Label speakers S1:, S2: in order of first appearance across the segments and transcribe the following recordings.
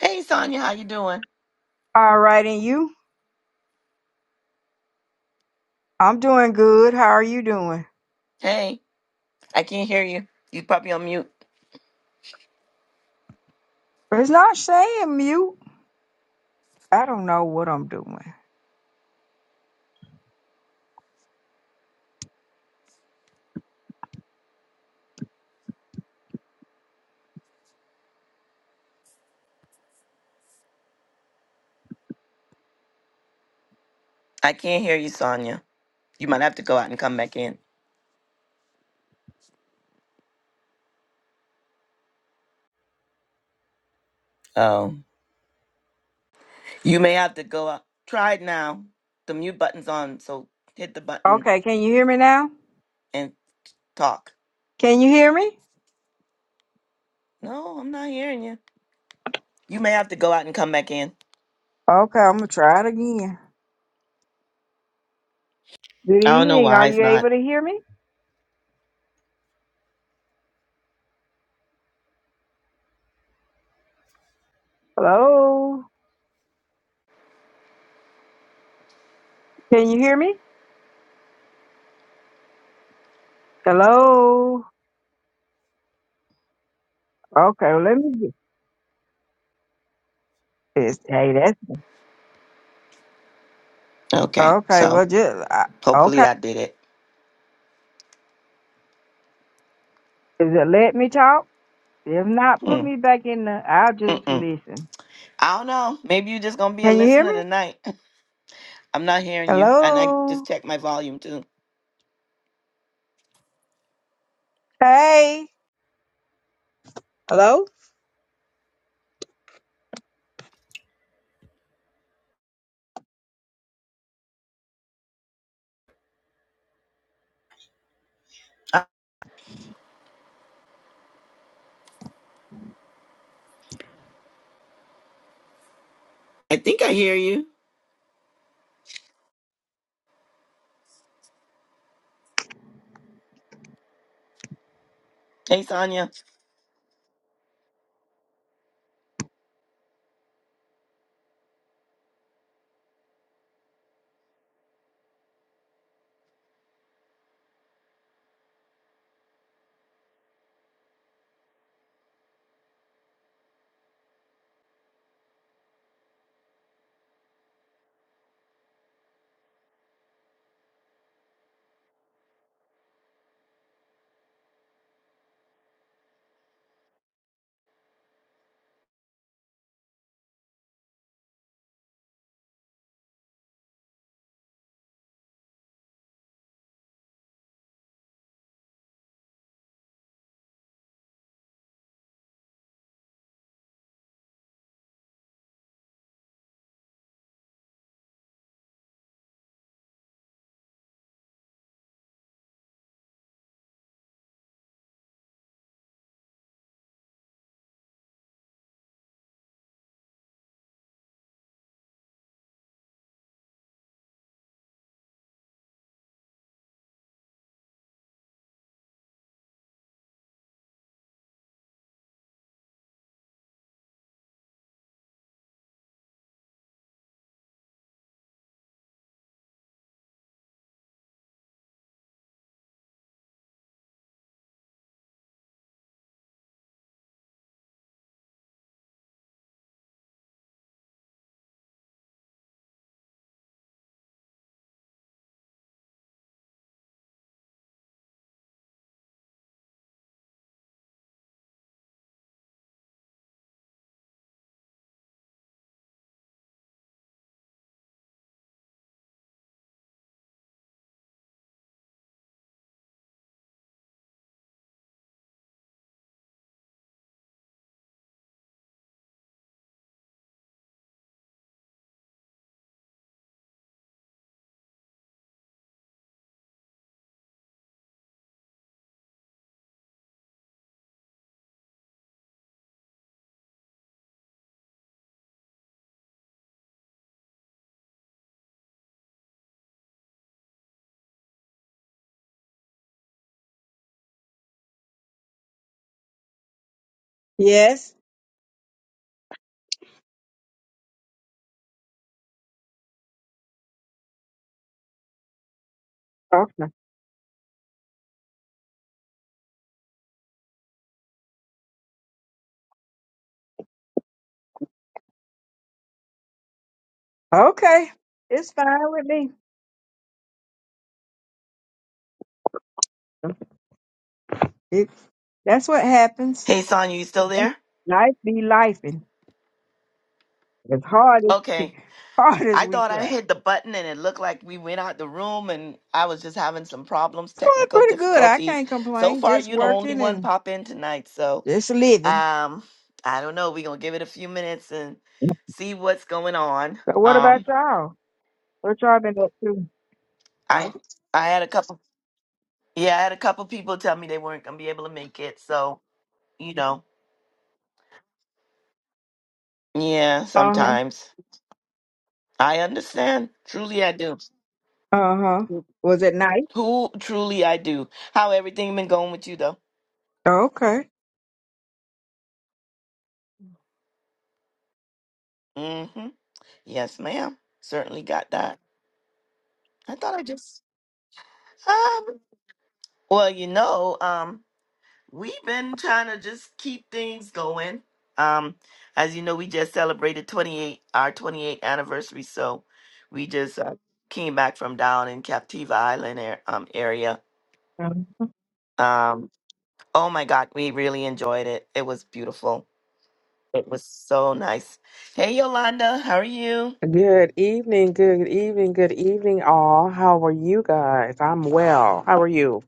S1: Hey, Sonia, how you doing?
S2: All right, and you? I'm doing good. How are you doing?
S1: Hey, I can't hear you. You probably on mute.
S2: It's not saying mute. I don't know what I'm doing.
S1: I can't hear you, Sonia. You might have to go out and come back in. Oh, you may have to go out. Try it now. The mute button's on, so hit the button
S2: Okay, can you hear me now?
S1: and talk.
S2: Can you hear me?
S1: No, I'm not hearing you. You may have to go out and come back in.
S2: Okay, I'm gonna try it again. Good
S1: I don't know
S2: evening. Are
S1: why it's
S2: you able
S1: not.
S2: to hear me? Hello? Can you hear me? Hello? Okay, well, let me get this. Hey, that's
S1: Okay,
S2: okay.
S1: so
S2: Well, just I,
S1: hopefully
S2: okay.
S1: that did it.
S2: Is it let me talk? If not, put
S1: Hmm.
S2: me back in the. I'll just
S1: Mm-mm.
S2: listen.
S1: I don't know. Maybe you're just gonna be a
S2: Can you hear
S1: listener
S2: me?
S1: tonight. I'm not hearing you, and I just
S2: Hello?
S1: checked my volume too.
S2: Hey? Hello?
S1: I I think I hear you. Hey Sonya.
S2: Yes. Okay. Okay. It's fine with me. It, that's what happens.
S1: Hey Sonya, you still there?
S2: Life be life and as hard as
S1: Okay.
S2: hard as
S1: I
S2: we
S1: thought I
S2: try.
S1: hit the button and it looked like we went out the room and I was just having some problems,
S2: It's going
S1: technical
S2: pretty good. I
S1: difficulties.
S2: can't
S1: So
S2: complain.
S1: far
S2: Just
S1: you the Okay. only
S2: working
S1: one
S2: and
S1: pop in tonight. So
S2: just living.
S1: um I don't know. We're gonna give it a few minutes and see what's going on.
S2: But what
S1: Um
S2: about y'all? What y'all been up to?
S1: I Okay. I had a couple yeah, I had a couple people tell me they weren't gonna be able to make it. So, you know. Yeah,
S2: Uh-huh.
S1: sometimes. I understand. Truly I do.
S2: Uh-huh. Was it nice?
S1: Who truly I do. How everything been going with you though?
S2: Okay.
S1: Mm-hmm. Yes, ma'am. Certainly got that. I thought I just um well, you know, um, we've been trying to just keep things going. Um, as you know, we just celebrated twenty eight our twenty eighth anniversary, so we just uh, came back from down in Captiva Island air, um area. Um, oh my God, we really enjoyed it. It was beautiful. It was so nice. Hey Yolanda, how are you?
S3: Good evening, good evening, good evening, all. How are you guys? I'm well. How are you?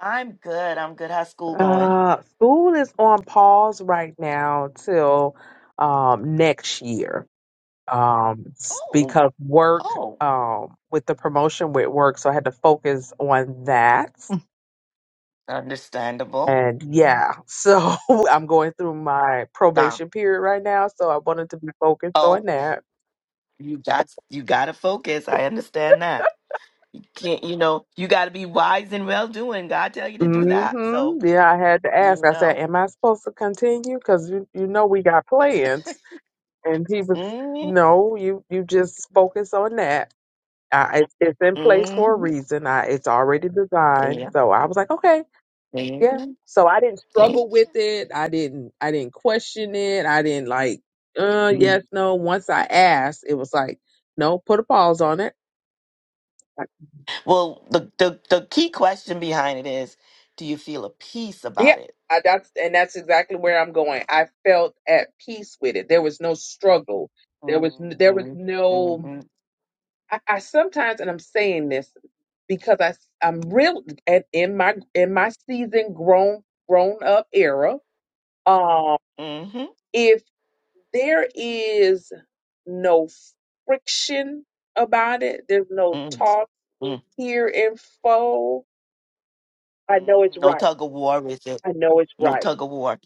S1: I'm good. I'm good. How's school going?
S3: Uh, school is on pause right now till um, next year um, s-
S1: Oh,
S3: because work
S1: oh,
S3: um, with the promotion with work, so I had to focus on that.
S1: understandable.
S3: And yeah, so I'm going through my
S1: Nah.
S3: probation period right now, so I wanted to be focused on
S1: Oh,
S3: that.
S1: you got you got to focus. I understand that. Can't you know? You got to be wise and well doing. God tell you to do that. So
S3: Mm-hmm. Yeah, I had to ask.
S1: you
S3: I said,
S1: know.
S3: "Am I supposed to continue? Because you, you know we got plans." And he was,
S1: hmm
S3: "No, you you just focus on that. I, it's it's in place for a
S1: hmm
S3: reason. I, it's already designed."
S1: Yeah.
S3: So I was like, "Okay, yeah."
S1: Amen.
S3: So I didn't
S1: Amen.
S3: struggle with it. I didn't I didn't question it. I didn't like, uh,
S1: Mhm.
S3: yes, no. Once I asked, it was like, no, put a pause on it.
S1: Well, the, the the key question behind it is, do you feel a peace
S3: Yeah,
S1: about it?
S3: I, that's and that's exactly where I'm going. I felt at peace with it. There was no struggle. There was n-
S1: Mm-hmm.
S3: there was no.
S1: Mm-hmm.
S3: I, I sometimes, and I'm saying this because I I'm real and in my in my season grown grown up era. Um,
S1: Mm-hmm.
S3: if there is no friction about it, there's no
S1: Mm-hmm.
S3: talk here in full. I know it's
S1: mm-hmm. No
S3: right.
S1: tug of war with it.
S3: I know it's
S1: No
S3: right.
S1: tug of war.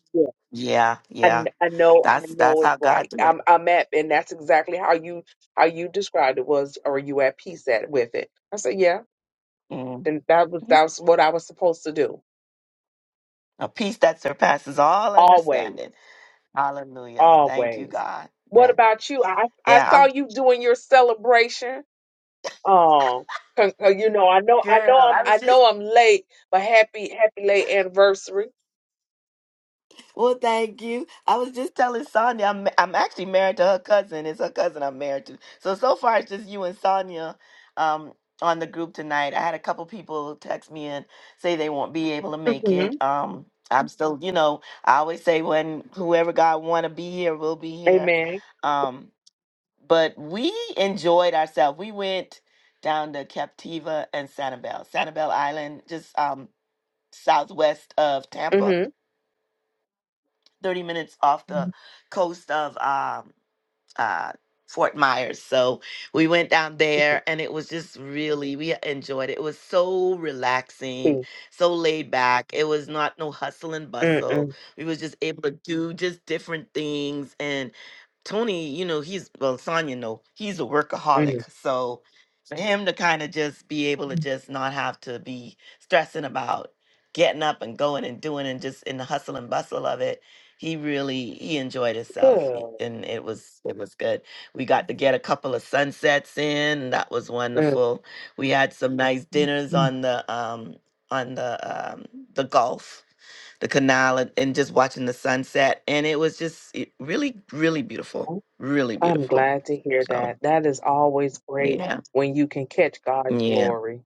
S1: Yeah,
S3: I,
S1: yeah.
S3: kn- I know I
S1: That's
S3: know
S1: that's
S3: it's
S1: how God
S3: right.
S1: do it.
S3: I'm I'm at and that's exactly how you how you described it was or you at peace at with it. I said, Yeah.
S1: Mhm.
S3: And that was that was what I was supposed to do.
S1: A peace that surpasses all
S3: Always.
S1: understanding. Hallelujah. Thank you,
S3: Always.
S1: God.
S3: What
S1: Yeah.
S3: about you? I I
S1: Yeah.
S3: saw
S1: I'm
S3: you doing your celebration. Oh con- uh, you know, I know I
S1: girl.
S3: know I'm
S1: I was
S3: I
S1: just
S3: know I'm late, but happy happy late anniversary.
S1: Well, thank you. I was just telling Sonia, I'm I'm actually married to her cousin. It's her cousin I'm married to. So so far it's just you and Sonia um on the group tonight. I had a couple people text me and say they won't be able to make
S3: hmm
S1: it. Um I'm still, you know, I always say when whoever God wanna be here will be here.
S3: Amen.
S1: Um but we enjoyed ourselves. We went down to Captiva and Sanibel. Sanibel Island, just um southwest of Tampa
S3: hmm
S1: 30 minutes off the coast of um, uh, Fort Myers. So we went down there and it was just really, we enjoyed it. It was so relaxing,
S3: Mm,
S1: so laid back. It was not no hustle and bustle.
S3: mm,
S1: We was just able to do just different things. And Tony, you know, he's, well, Sonya, know he's a workaholic.
S3: mm.
S1: So for him to kind of just be able to just not have to be stressing about getting up and going and doing and just in the hustle and bustle of it he really he enjoyed himself he-
S3: Good.
S1: and it was it was good we got to get a couple of sunsets in and that was
S3: Mm-hmm.
S1: wonderful we had some nice dinners on the um on the um the gulf the canal and, and just watching the sunset and it was just it really really beautiful really
S3: I'm
S1: beautiful
S3: glad to hear
S1: so
S3: that. That is always great
S1: yeah
S3: when you can catch God's
S1: yeah
S3: glory.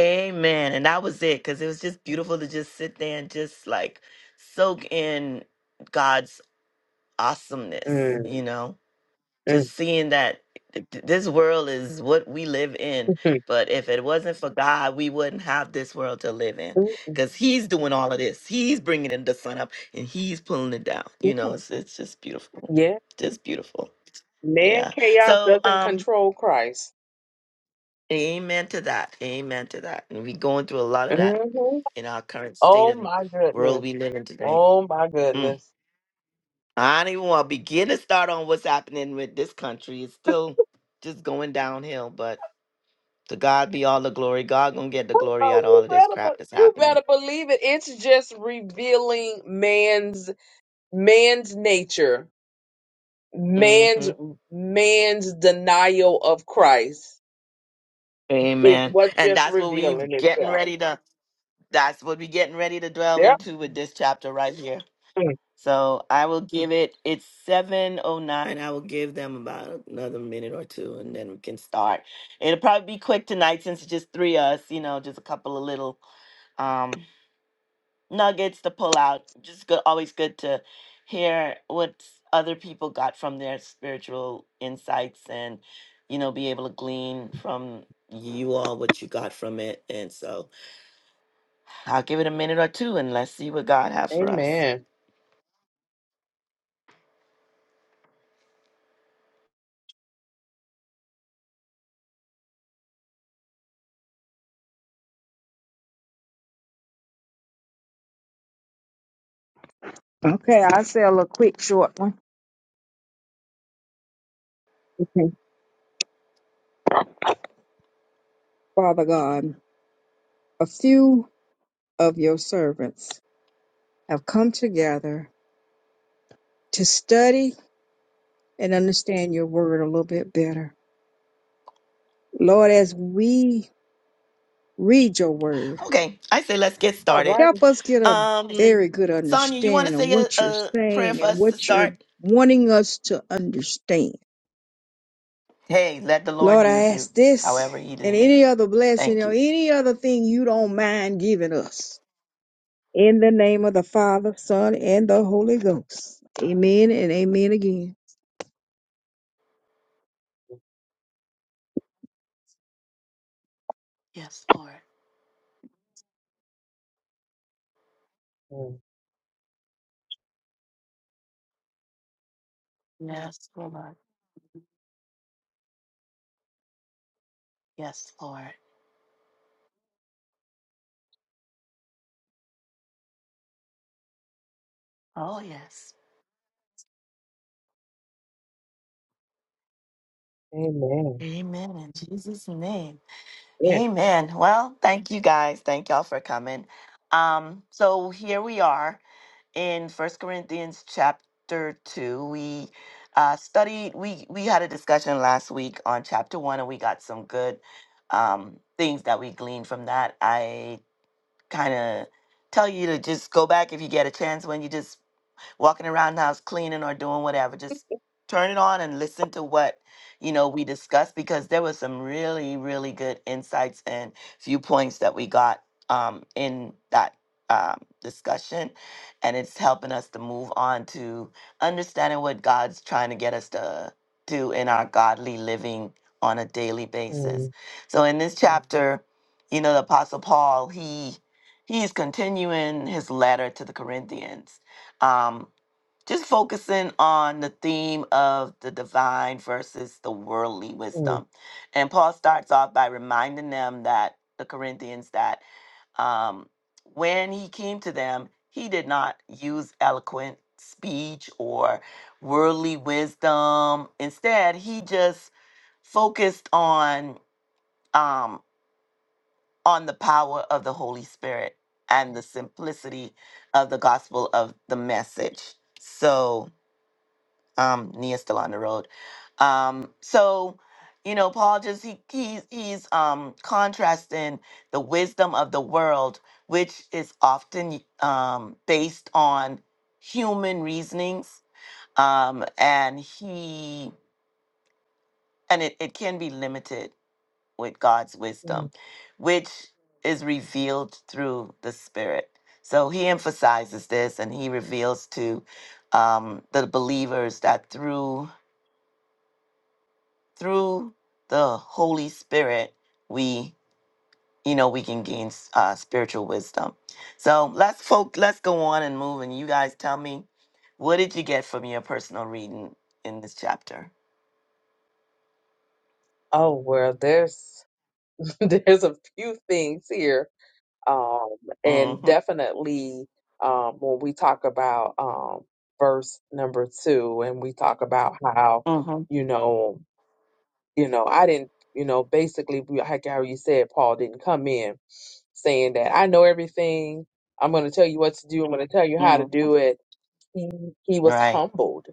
S1: amen and that was it because it was just beautiful to just sit there and just like soak in god's awesomeness
S3: Mm,
S1: you know
S3: mm, mm,
S1: just seeing that th- th- this world is what we live in
S3: mm,
S1: but if it wasn't for god we wouldn't have this world to live in
S3: mm,
S1: because he's doing all of this he's bringing in the sun up and he's pulling it down
S3: mm.
S1: you know it's, it's just beautiful
S3: Yeah,
S1: just beautiful
S3: man,
S1: yeah
S3: chaos
S1: so
S3: doesn't
S1: um
S3: control Christ.
S1: amen to that amen to that and we going through a lot of that
S3: hmm
S1: in our current state
S3: Oh
S1: of
S3: my
S1: world
S3: goodness.
S1: we live in today
S3: Oh my
S1: Mm.
S3: goodness.
S1: i don't even want to begin to start on what's happening with this country it's still just going downhill but To God be all the glory. God gonna get the glory
S3: Oh,
S1: out of all
S3: you
S1: of this
S3: better,
S1: crap
S3: be-
S1: that's
S3: you
S1: happening.
S3: better believe it. It's just revealing man's man's nature,
S1: hmm
S3: man's man's denial of Christ. It's
S1: Amen.
S3: what's
S1: And
S3: just
S1: that's what we
S3: revealing
S1: getting
S3: itself.
S1: ready to. That's what we getting ready to dwell
S3: Yep.
S1: into with this chapter right here. So I will give it. It's seven oh nine. I will give them about another minute or two, and then we can start. It'll probably be quick tonight since it's just three of us. You know, just a couple of little. um nuggets to pull out. Just good, always good to hear what other people got from their spiritual insights, and you know, be able to glean from you all what you got from it. And so, I'll give it a minute or two, and let's see what God has for us.
S3: Amen.
S2: Okay, I'll sell a quick short one. Okay, Father God, a few of your servants have come together to study and understand your word a little bit better. Lord, as we read your word,
S1: Okay, I say let's get
S3: All
S1: started.
S3: right.
S2: help us get a
S1: Um,
S2: very good
S1: Sonia, you want to
S2: understanding of
S1: say a,
S2: what you're
S1: a prayer
S2: saying
S1: for
S2: and
S1: us to
S2: what you're
S1: start?
S2: wanting us to understand.
S1: Hey, let the Lord
S2: Lord,
S1: use
S2: I
S1: you,
S2: ask this
S1: however He
S2: and
S1: deem it.
S2: any other blessing
S1: Thank
S2: or
S1: you.
S2: any other thing you don't mind giving us. In the name of the Father, Son, and the Holy Ghost. Amen and amen again.
S1: Yes, Lord.
S3: Mm,
S1: Yes, Lord. Yes, Lord. Oh, yes.
S3: Amen.
S1: Amen. In Jesus' name.
S3: Yeah.
S1: Amen. Well, thank you guys. Thank y'all for coming. Um, so here we are in First Corinthians chapter 2. We uh, studied, we, we had a discussion last week on chapter 1, and we got some good um, things that we gleaned from that. I kind of tell you to just go back if you get a chance when you just walking around the house cleaning or doing whatever. Just turn it on and listen to what you know we discussed because there was some really really good insights and viewpoints that we got um, in that um, discussion, and it's helping us to move on to understanding what God's trying to get us to do in our godly living on a daily basis.
S3: Mm,
S1: So in this Mhm. chapter, you know, the Apostle Paul he he's continuing his letter to the Corinthians. Um, just focusing on the theme of the divine versus the worldly
S3: mm,
S1: wisdom. And Paul starts off by reminding them that the Corinthians that um, when he came to them, he did not use eloquent speech or worldly wisdom. Instead, he just focused on um, on the power of the Holy Spirit and the simplicity of the gospel of the message. So, um, Nia's still on the road. Um, so you know, Paul just he he's he's um contrasting the wisdom of the world, which is often um based on human reasonings. Um, and he and it, it can be limited with God's wisdom,
S3: mm.
S1: which is revealed through the Spirit. So he emphasizes this and he reveals to um, the believers that through through the Holy Spirit, we you know we can gain uh, spiritual wisdom. So let's folk let's go on and move. And you guys tell me, what did you get from your personal reading in this chapter?
S3: Oh well, there's there's a few things here, um, and
S1: Mm-hmm.
S3: definitely um, when we talk about um, verse number two, and we talk about how
S1: Mm-hmm.
S3: you know, you know, I didn't, you know, basically we- like how you said, Paul didn't come in saying that I know everything. I'm going to tell you what to do. I'm going to tell you how to
S1: mm-hmm.
S3: do it he he was
S1: Right.
S3: humbled.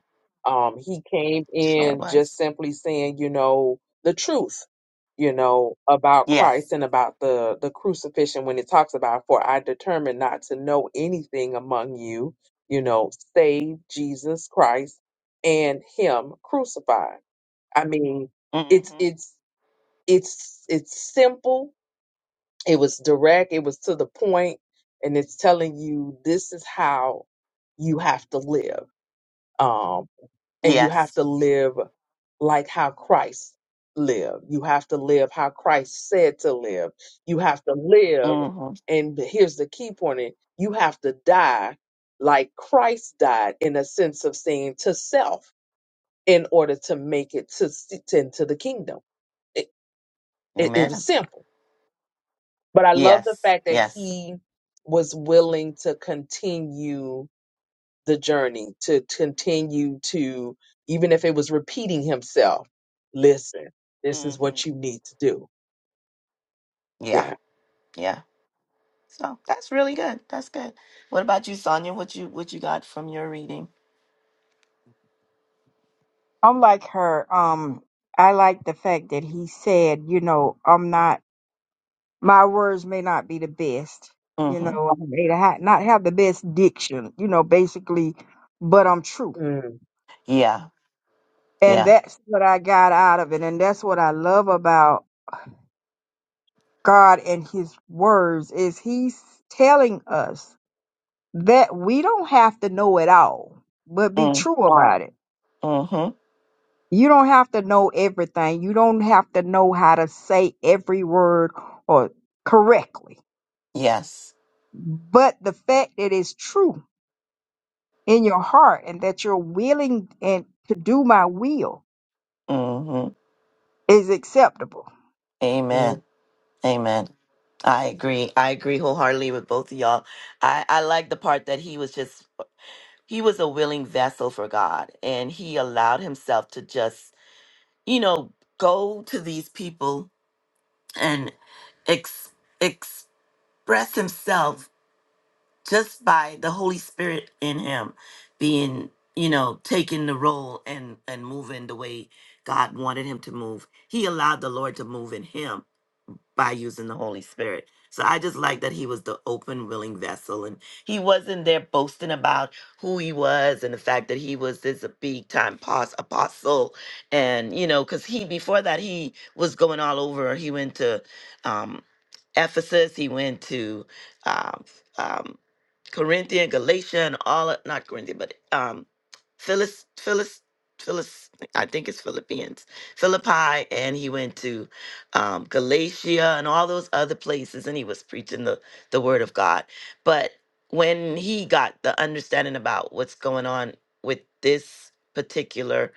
S3: Um, he came
S1: Sure
S3: in just
S1: was.
S3: simply saying, you know, the truth, you know, about Christ
S1: Yes.
S3: and about the the crucifixion when it talks about, for I determined not to know anything among you, you know, save Jesus Christ and Him crucified. I mean, it's
S1: Mm-hmm.
S3: it's it's it's simple. It was direct. It was to the point, and it's telling you this is how you have to live. Um, and you have
S1: Yes.
S3: to live like how Christ lived. You have to live how Christ said to live. You have to live,
S1: Mm-hmm.
S3: and here's the key point: it- you have to die like Christ died, in a sense of saying to self, in order to make it to, s- to into the kingdom. It, it, it was
S1: Amen.
S3: simple, but I love the
S1: Yes.
S3: fact that
S1: Yes.
S3: he was willing to continue the journey to continue to even if it was repeating himself listen this is what
S1: Mm-hmm.
S3: you need to do
S1: Yeah.
S3: yeah
S1: Yeah. So that's really good. That's good. What about you, Sonia? What you what you got from your reading?
S2: I'm like her. Um, I like the fact that he said, you know, I'm not. my words may not be the best. You know, I may ha- not have the best diction, you know, basically, but I'm true.
S3: mm,
S1: Yeah,
S2: And
S1: yeah.
S2: that's what I got out of it. And that's what I love about God and his words is he's telling us that we don't have to know it all, but be
S1: Mm,
S2: true about it.
S1: mm-hmm.
S2: You don't have to know everything. You don't have to know how to say every word or correctly.
S1: Yes.
S2: But the fact that it's true in your heart and that you're willing and to do my will
S1: Mm-hmm.
S2: is acceptable.
S3: mm,
S1: Amen. Amen. I agree. I agree wholeheartedly with both of y'all. I, I like the part that he was just he was a willing vessel for God and he allowed himself to just, you know, go to these people and ex- express himself just by the Holy Spirit in him being, you know, taking the role and and moving the way God wanted him to move. He allowed the Lord to move in him by using the Holy Spirit. So I just like that he was the open, willing vessel, and he wasn't there boasting about who he was and the fact that he was this big time pos- apostle, and you know, because he before that he was going all over. He went to um, Ephesus. He went to um, um, Corinthian, Galatia, and all of- not Corinthian, but um, Phyllis, Phyllis, Phyllis. I think it's Philippians, Philippi, and he went to um, Galatia and all those other places, and he was preaching the, the word of God. But when he got the understanding about what's going on with this particular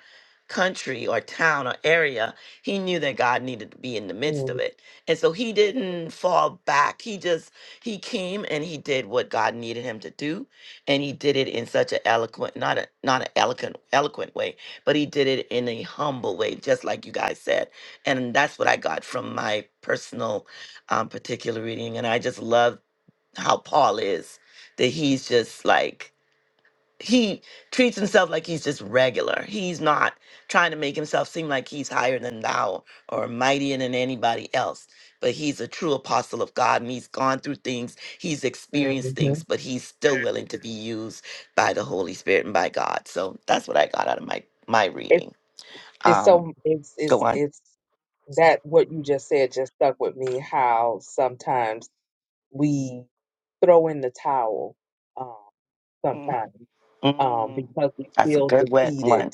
S1: country or town or area, he knew that God needed to be in the midst
S3: mm,
S1: of it. And so he didn't fall back. He just he came and he did what God needed him to do, and he did it in such an eloquent, not a not an eloquent eloquent way, but he did it in a humble way, just like you guys said and that's what I got from my personal um, particular reading. And I just love how Paul is that he's just like he treats himself like he's just regular. He's not trying to make himself seem like he's higher than thou or mightier than anybody else. But he's a true apostle of God, and he's gone through things, he's experienced
S3: mm-hmm.
S1: things, but he's still willing to be used by the Holy Spirit and by God. So that's what I got out of my my
S3: it's
S1: reading.
S3: it's
S1: Um,
S3: so it's
S1: go
S3: it's it's that what you just said just stuck with me how sometimes we throw in the towel um
S1: on.
S3: sometimes um
S1: Mm,
S3: because we
S1: that's a
S3: feel
S1: good one.
S3: defeated
S1: one.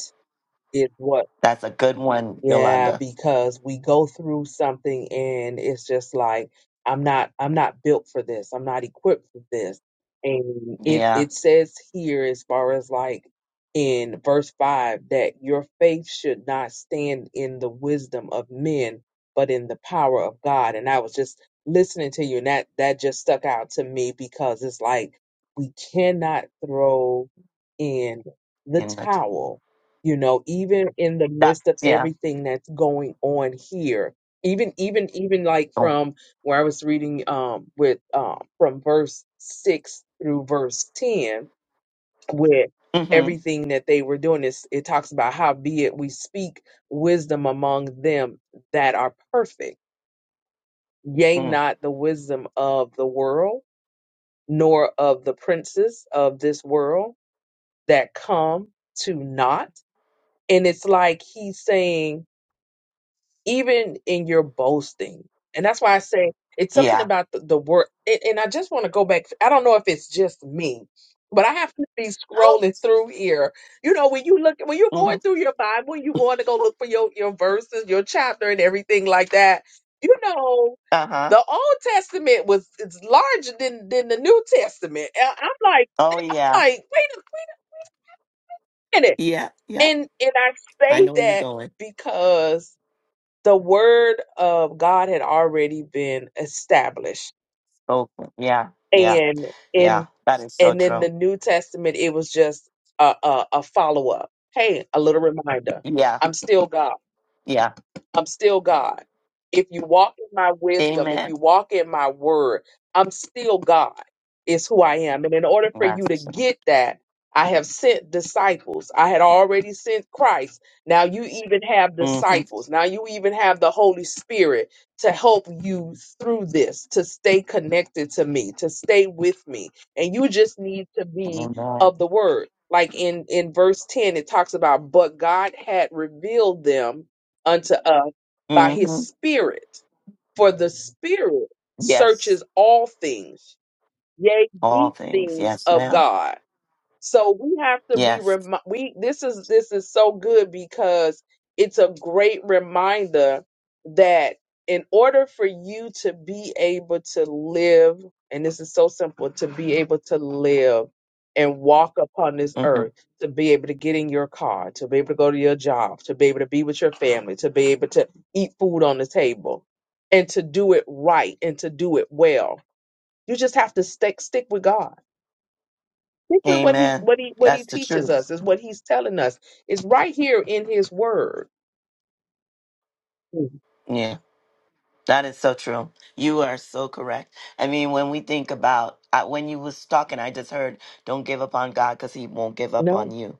S3: is what
S1: That's a good one,
S3: Yeah,
S1: Yolanda.
S3: because we go through something and it's just like I'm not I'm not built for this. I'm not equipped for this. And it
S1: Yeah,
S3: it says here as far as like in verse 5 that your faith should not stand in the wisdom of men, but in the power of God. And I was just listening to you and that that just stuck out to me because it's like we cannot throw in the
S1: in the
S3: towel you know even in the
S1: that
S3: midst of
S1: yeah.
S3: everything that's going on here even even even like
S1: Oh,
S3: from where i was reading um with um from verse 6 through verse 10 with
S1: mm-hmm.
S3: everything that they were doing is it talks about how be it we speak wisdom among them that are perfect yea
S1: Mm,
S3: not the wisdom of the world nor of the princes of this world that come to naught and it's like he's saying even in your boasting. And that's why I say it's something
S1: yeah.
S3: about the, the word. And, and I just want to go back. I don't know if it's just me, but I have to be
S1: No.
S3: scrolling through here. You know, when you look, when you're
S1: Mm-hmm.
S3: going through your Bible, you going to go look for your, your verses, your chapter, and everything like that. You know,
S1: Uh huh.
S3: the Old Testament was it's larger than than the New Testament. And I'm like,
S1: Oh
S3: I'm
S1: yeah.
S3: like, wait a minute.
S1: Yeah. Yeah.
S3: And and I
S1: I
S3: say
S1: know where you're
S3: that
S1: going.
S3: because the word of God had already been established,
S1: Oh yeah. Yeah.
S3: and
S1: Yeah.
S3: in
S1: That is so
S3: and in the
S1: true.
S3: New Testament, it was just a a, a follow up. Hey, a little reminder.
S1: Yeah.
S3: I'm still God.
S1: Yeah.
S3: I'm still God. If you walk in my wisdom, if you
S1: Amen.
S3: walk in my word, I'm still God, is who I am. And in order for you
S1: That's
S3: to
S1: so.
S3: get that, I have sent disciples. I had already sent Christ. Now you even have
S1: Mm-hmm.
S3: disciples. Now you even have the Holy Spirit to help you through this, to stay connected to me, to stay with me. And you just need to be
S1: Amen.
S3: of the word. Like in, in verse 10, it talks about, but God had revealed them unto us by his
S1: Mm-hmm.
S3: spirit. For the spirit
S1: Yes.
S3: searches all things, yea,
S1: All
S3: deep
S1: things.
S3: things
S1: Yes,
S3: of
S1: ma'am.
S3: God. So we have to be
S1: Yes.
S3: remi- we this is this is so good because it's a great reminder that in order for you to be able to live and this is so simple to be able to live and walk upon this
S1: Mm-hmm.
S3: earth to be able to get in your car to be able to go to your job to be able to be with your family to be able to eat food on the table and to do it right and to do it well you just have to stick stick with God Stick with what he
S1: Amen.
S3: what he what he
S1: That's the
S3: teaches
S1: truth.
S3: us is what he's telling us. It's right here in his word. Mm,
S1: Yeah. That is so true. You are so correct. I mean, when we think about I, when you was talking, I just heard, "Don't give up on God, because He won't give up on
S3: No.
S1: you."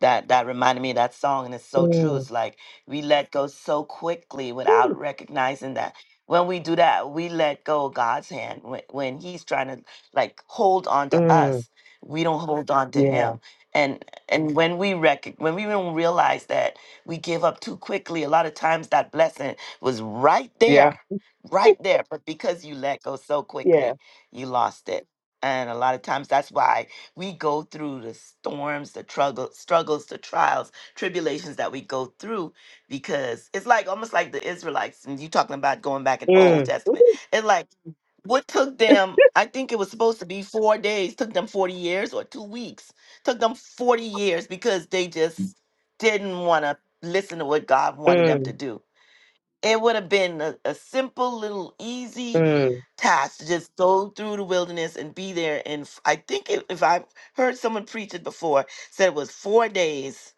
S1: That that reminded me of that song, and it's so true.
S3: Mm.
S1: It's like we let go so quickly without
S3: Woo.
S1: recognizing that. When we do that, we let go of God's hand when, when He's trying to like hold on to
S3: Mm.
S1: us. We don't hold on to
S3: Yeah.
S1: Him, and and when we rec- when we don't realize that we give up too quickly, a lot of times that blessing was right
S3: Yeah.
S1: there right there but because you let go so
S3: Yeah.
S1: quickly you lost it and a lot of times that's why we go through the storms the struggle, struggles the trials tribulations that we go through because it's like almost like the israelites and you talking about going back in old
S3: Mm.
S1: testament
S3: Ooh.
S1: it's like what took them i think it was supposed to be four days took them 40 years or two weeks took them 40 years because they just didn't want to listen to what god wanted them to
S3: Mm.
S1: do it would have been a, a simple little easy
S3: Mm.
S1: task to just go through the wilderness and be there. And I think if, if I heard someone preach it before, said it was four days.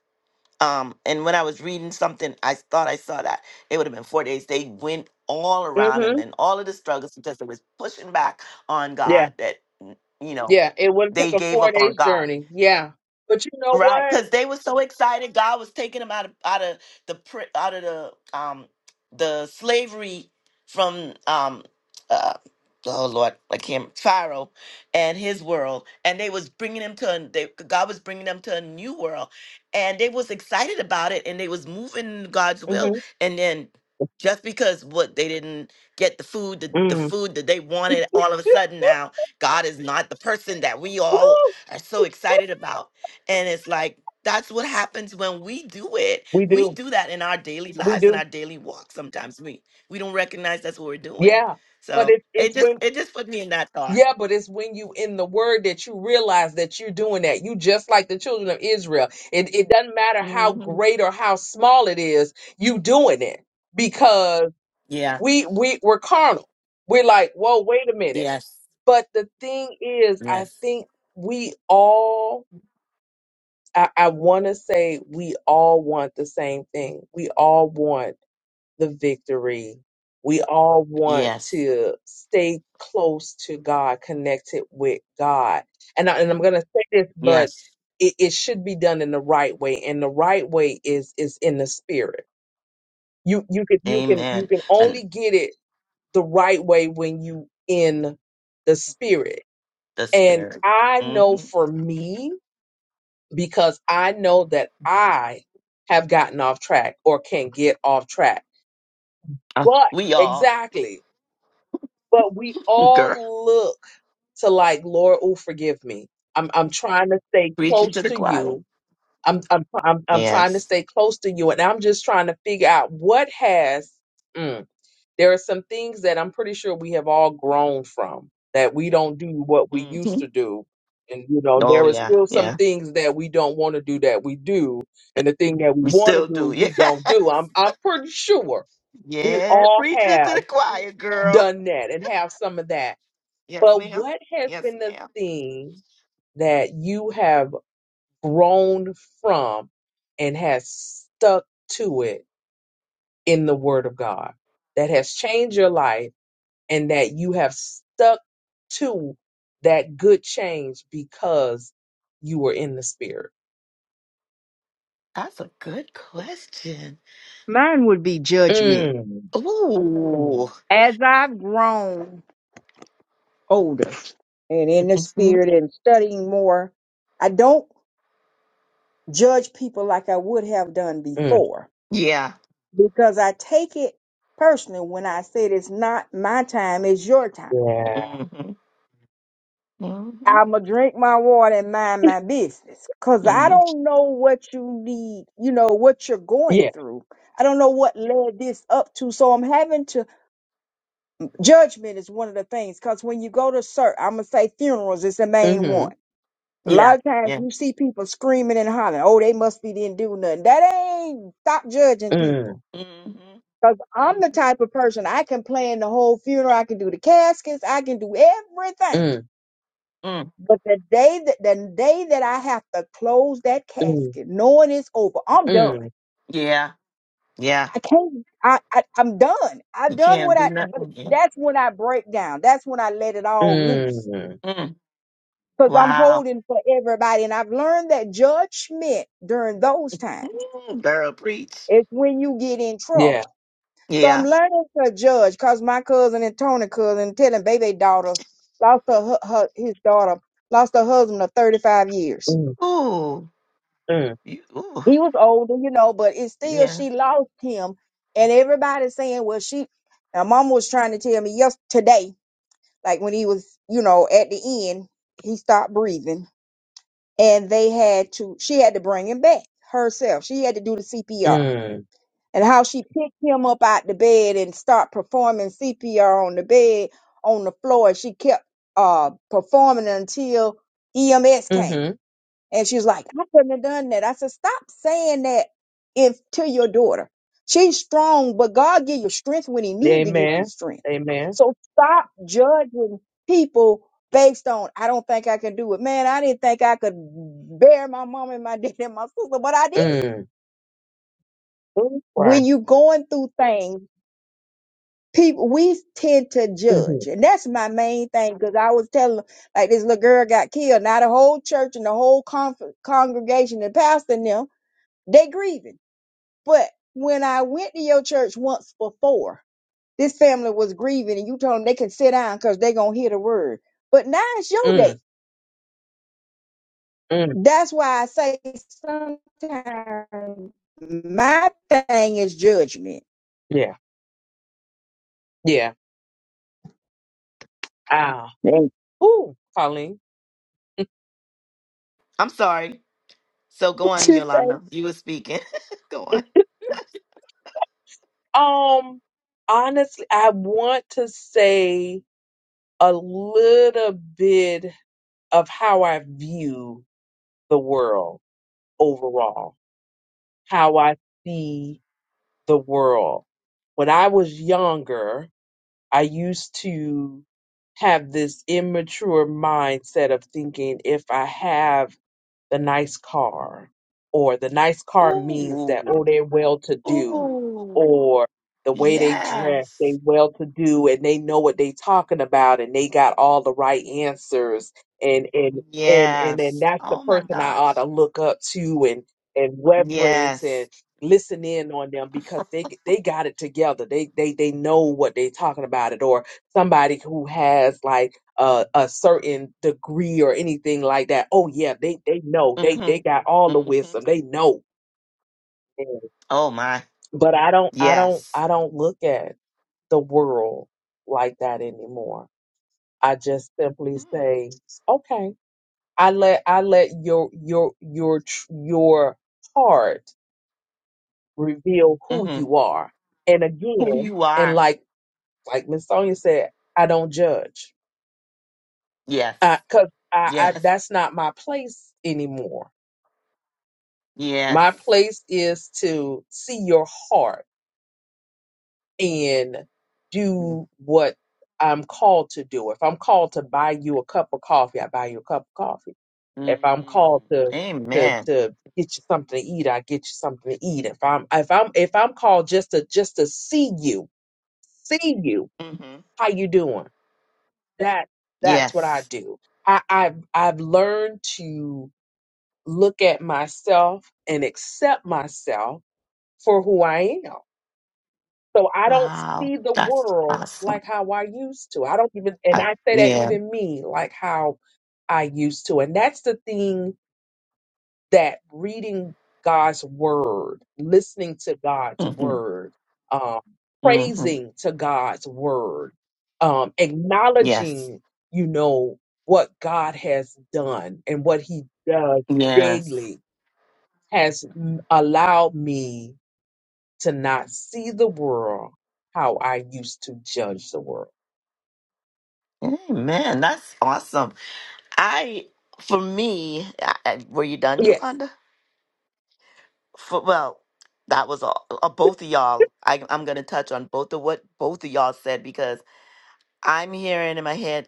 S1: Um, and when I was reading something, I thought I saw that it would have been four days. They went all around and
S3: Mm-hmm.
S1: then all of the struggles because they was pushing back on
S3: Yeah.
S1: God that, n- you know,
S3: Yeah. It would have took
S1: they
S3: a
S1: gave
S3: four
S1: up on
S3: days
S1: God.
S3: journey. Yeah. But you know
S1: Right,
S3: what?
S1: because they were so excited. God was taking them out of out of the pri- out of the um the slavery from um uh oh Lord I can't Pharaoh and his world, and they was bringing them to a, they, God was bringing them to a new world, and they was excited about it, and they was moving in God's will,
S3: Mm-hmm.
S1: and then just because what they didn't get the food the, the
S3: Mm.
S1: food that they wanted, all of a sudden now God is not the person that we all
S3: Woo.
S1: are so excited about and it's like, that's what happens when we do it.
S3: We
S1: We
S3: do.
S1: do that in our daily
S3: We
S1: lives, in
S3: do.
S1: our daily walk. Sometimes we we don't recognize that's what we're doing.
S3: Yeah. But
S1: So
S3: it's it's
S1: it just
S3: when
S1: it just put me in that thought.
S3: Yeah, but it's when you in the word that you realize that you're doing that. You just like the children of Israel. It it doesn't matter how
S1: hmm
S3: great or how small it is, you doing it because
S1: Yeah.
S3: we we we're carnal. We're like, whoa, wait a minute.
S1: Yes.
S3: But the thing is, I
S1: Yes.
S3: think we all I, I wanna say we all want the same thing. We all want the victory. We all want
S1: Yes.
S3: to stay close to God, connected with God. And, I, and I'm going to say this, but
S1: Yes.
S3: it, it should be done in the right way. And the right way is, is in the spirit. You, you can, you can, you
S1: Amen.
S3: can
S1: And
S3: only get it the right way when you in the spirit.
S1: the
S3: And
S1: spirit.
S3: I know
S1: hmm
S3: for me, because I know that I have gotten off track or can get off track. But
S1: we all,
S3: exactly. but we
S1: girl,
S3: all look to like Lord, oh forgive me. I'm I'm trying to stay
S1: preaching
S3: close
S1: to the
S3: to
S1: choir.
S3: you. I'm I'm I'm, I'm trying to
S1: Yes.
S3: stay close to you, and I'm just trying to figure out what has. Mm, there are some things that I'm pretty sure we have all grown from that we don't do what we used
S1: hmm
S3: to do. And you know
S1: Oh
S3: there are
S1: yeah.
S3: still some
S1: Yeah.
S3: things that we don't want to do that we do, and the thing that we
S1: We
S3: want to
S1: still do.
S3: do we
S1: Yeah.
S3: don't do. I'm I'm pretty sure we
S1: Yeah.
S3: all
S1: Preaching to
S3: have
S1: the choir, girl.
S3: done that and have some of that
S1: Yes,
S3: but
S1: ma'am.
S3: what has
S1: Yes,
S3: been the
S1: ma'am.
S3: thing that you have grown from and has stuck to it in the Word of God that has changed your life and that you have stuck to that good change because you were in the Spirit?
S1: That's a good question.
S2: Mine would be judgment.
S3: Mm,
S1: Ooh.
S2: As I've grown older and in the
S1: Mhm.
S2: spirit and studying more, I don't judge people like I would have done
S3: mm,
S2: before
S1: Yeah.
S2: because I take it personally when I said it's not my time, it's your time.
S3: yeah.
S1: Mm-hmm. Mm-hmm.
S2: I'ma drink my water and mind my business. Cause I
S1: hmm
S2: don't know what you need, you know, what you're going
S3: Yeah.
S2: through. I don't know what led this up to. So I'm having to judgment is one of the things. Cause when you go to cert, I'ma say funerals is the main
S3: Mm-hmm.
S2: one. A
S1: Yeah.
S2: lot of times
S1: Yeah.
S2: you see people screaming and hollering, oh, they must be didn't do nothing. That ain't stop judging people.
S3: Mm,
S1: Mm-hmm.
S2: Cause I'm the
S1: hmm
S2: type of person I can plan the whole funeral, I can do the caskets, I can do everything.
S3: mm,
S1: Mm.
S2: But the day that the day that I have to close that
S3: mm,
S2: casket, knowing it's over, I'm done.
S3: mm,
S1: Yeah. Yeah.
S2: I can't. I, I I'm done.
S1: You
S2: I've done
S1: can't
S2: what
S1: do
S2: I. But
S1: nothing. Yeah.
S2: that's when I break down. That's when I let it all loose
S3: mm.
S1: Mm.
S2: because I'm
S1: Wow.
S2: holding for everybody, and I've learned that judgment during those times
S1: Mm, girl, preach.
S2: is when you get in
S3: Yeah.
S2: trouble. So I'm
S1: Yeah.
S2: learning to judge because my cousin and Tony cousin telling baby daughter lost her, hu- her his daughter lost her husband of 35 years
S3: Mm,
S1: Ooh.
S3: mm,
S1: You, ooh.
S2: he was older, you know, but it's still
S1: Yeah.
S2: she lost him, and everybody's saying, "Well, she." My mom was trying to tell me yes today, like when he was, you know, at the end, he stopped breathing, and they had to. She had to bring him back herself. She had to do the CPR,
S3: mm.
S2: and how she picked him up out the bed and start performing CPR on the bed on the floor. She kept uh performing until EMS came
S3: Mm-hmm.
S2: and she was like, I couldn't have done that. I said, stop saying that if to your daughter. She's strong, but God give you strength when he need to give you
S3: Amen.
S2: strength.
S3: Amen.
S2: So stop judging people based on, I don't think I can do it. Man, I didn't think I could bear my mom and my dad and my sister, but I did.
S3: Mm. Ooh, Right.
S2: When you going through things, people, we tend to
S3: Mm-hmm.
S2: judge. And that's my main thing. Cause I was telling them, like this little girl got killed. Now the whole church and the whole conf- congregation and pastor and them They grieving. But when I went to your church once before, this family was grieving and you told them they can sit down because they going to hear the word. But now it's your day.
S3: Mm. Mm.
S2: That's why I say sometimes my thing is judgment.
S3: Yeah. Yeah. Ah.
S2: And
S3: Ooh, Colleen.
S1: I'm sorry. So go on,
S2: you
S1: Yolanda. You were speaking. go on.
S3: Um. Honestly, I want to say a little bit of how I view the world overall, how I see the world. When I was younger, I used to have this immature mindset of thinking if I have the nice car or the nice car means that oh
S1: Ooh.
S3: they're well to do
S1: Ooh.
S3: or the way they dress
S1: Yes.
S3: they well to do and they know what they talking about and they got all the right answers and and and and then
S1: Yes.
S3: that's the
S1: Oh my
S3: person I ought to
S1: gosh.
S3: look up to and and reverence and
S1: Yes.
S3: listen in on them because they they got it together they they they know what they talking about it or somebody who has like a, a certain degree or anything like that. Oh yeah, they they know they
S1: Mm-hmm.
S3: they got all the
S1: Mm-hmm.
S3: wisdom. They know. Mm.
S1: Oh my.
S3: But I don't I don't
S1: Yes.
S3: I don't look at the world like that anymore. I just simply
S1: Mm.
S3: say, okay, I let I let your your your tr- your heart reveal who
S1: Mm-hmm.
S3: you are. And
S1: Who
S3: again,
S1: you
S3: and
S1: are.
S3: like like Miss Sonia said, I don't judge.
S1: Yes.
S3: Uh, cause I, I,
S1: Yes.
S3: that's not my place anymore. My
S1: Yes.
S3: place is to see your heart and
S1: hmm
S3: do what I'm called to do. If I'm called to buy you a cup of coffee, I buy you a cup of coffee. If I'm called to to
S1: Amen.
S3: to get you something to eat, I get you something to eat. If I'm if I'm if I'm called just to just to see you, see you,
S1: Mm-hmm.
S3: how you doing? That that's what I
S1: Yes.
S3: do. I, I I've learned to look at myself and accept myself for who I am. So I don't
S1: Wow.
S3: see the
S1: That's
S3: world
S1: awesome.
S3: like how I used to. I don't even, and
S1: Uh,
S3: I say that
S1: yeah.
S3: even me, like how I used to. And that's the thing that reading God's word, listening to God's
S1: Mm-hmm.
S3: word, um,
S1: Mm-hmm.
S3: praising to God's word, um,
S1: Yes.
S3: acknowledging, you know, what God has done and what he does
S1: Yes.
S3: daily has m- allowed me to not see the world how I used to judge the world.
S1: Amen. That's awesome. I, for me, I, I- were you done,
S3: Yes.
S1: Yolanda? for, well, that was all. Uh, both of y'all. I, I'm going to touch on both of what both of y'all said because I'm hearing in my head,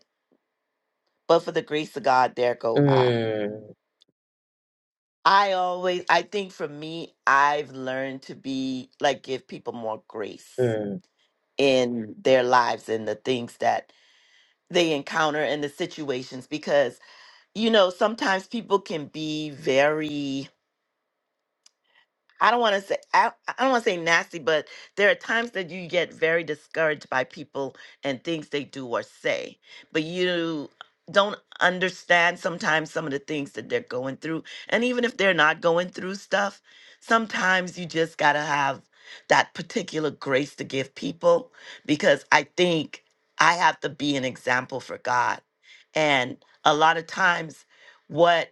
S1: but for the grace of God, there go I.
S3: Mm,
S1: I always, I think for me, I've learned to be like, give people more grace
S3: mm,
S1: in their lives and the things that they encounter and the situations because, you know, sometimes people can be very I don't want to say I, I don't want to say nasty, but there are times that you get very discouraged by people and things they do or say, but you don't understand sometimes some of the things that they're going through. And even if they're not going through stuff, sometimes you just got to have that particular grace to give people because I think I have to be an example for God. And a lot of times what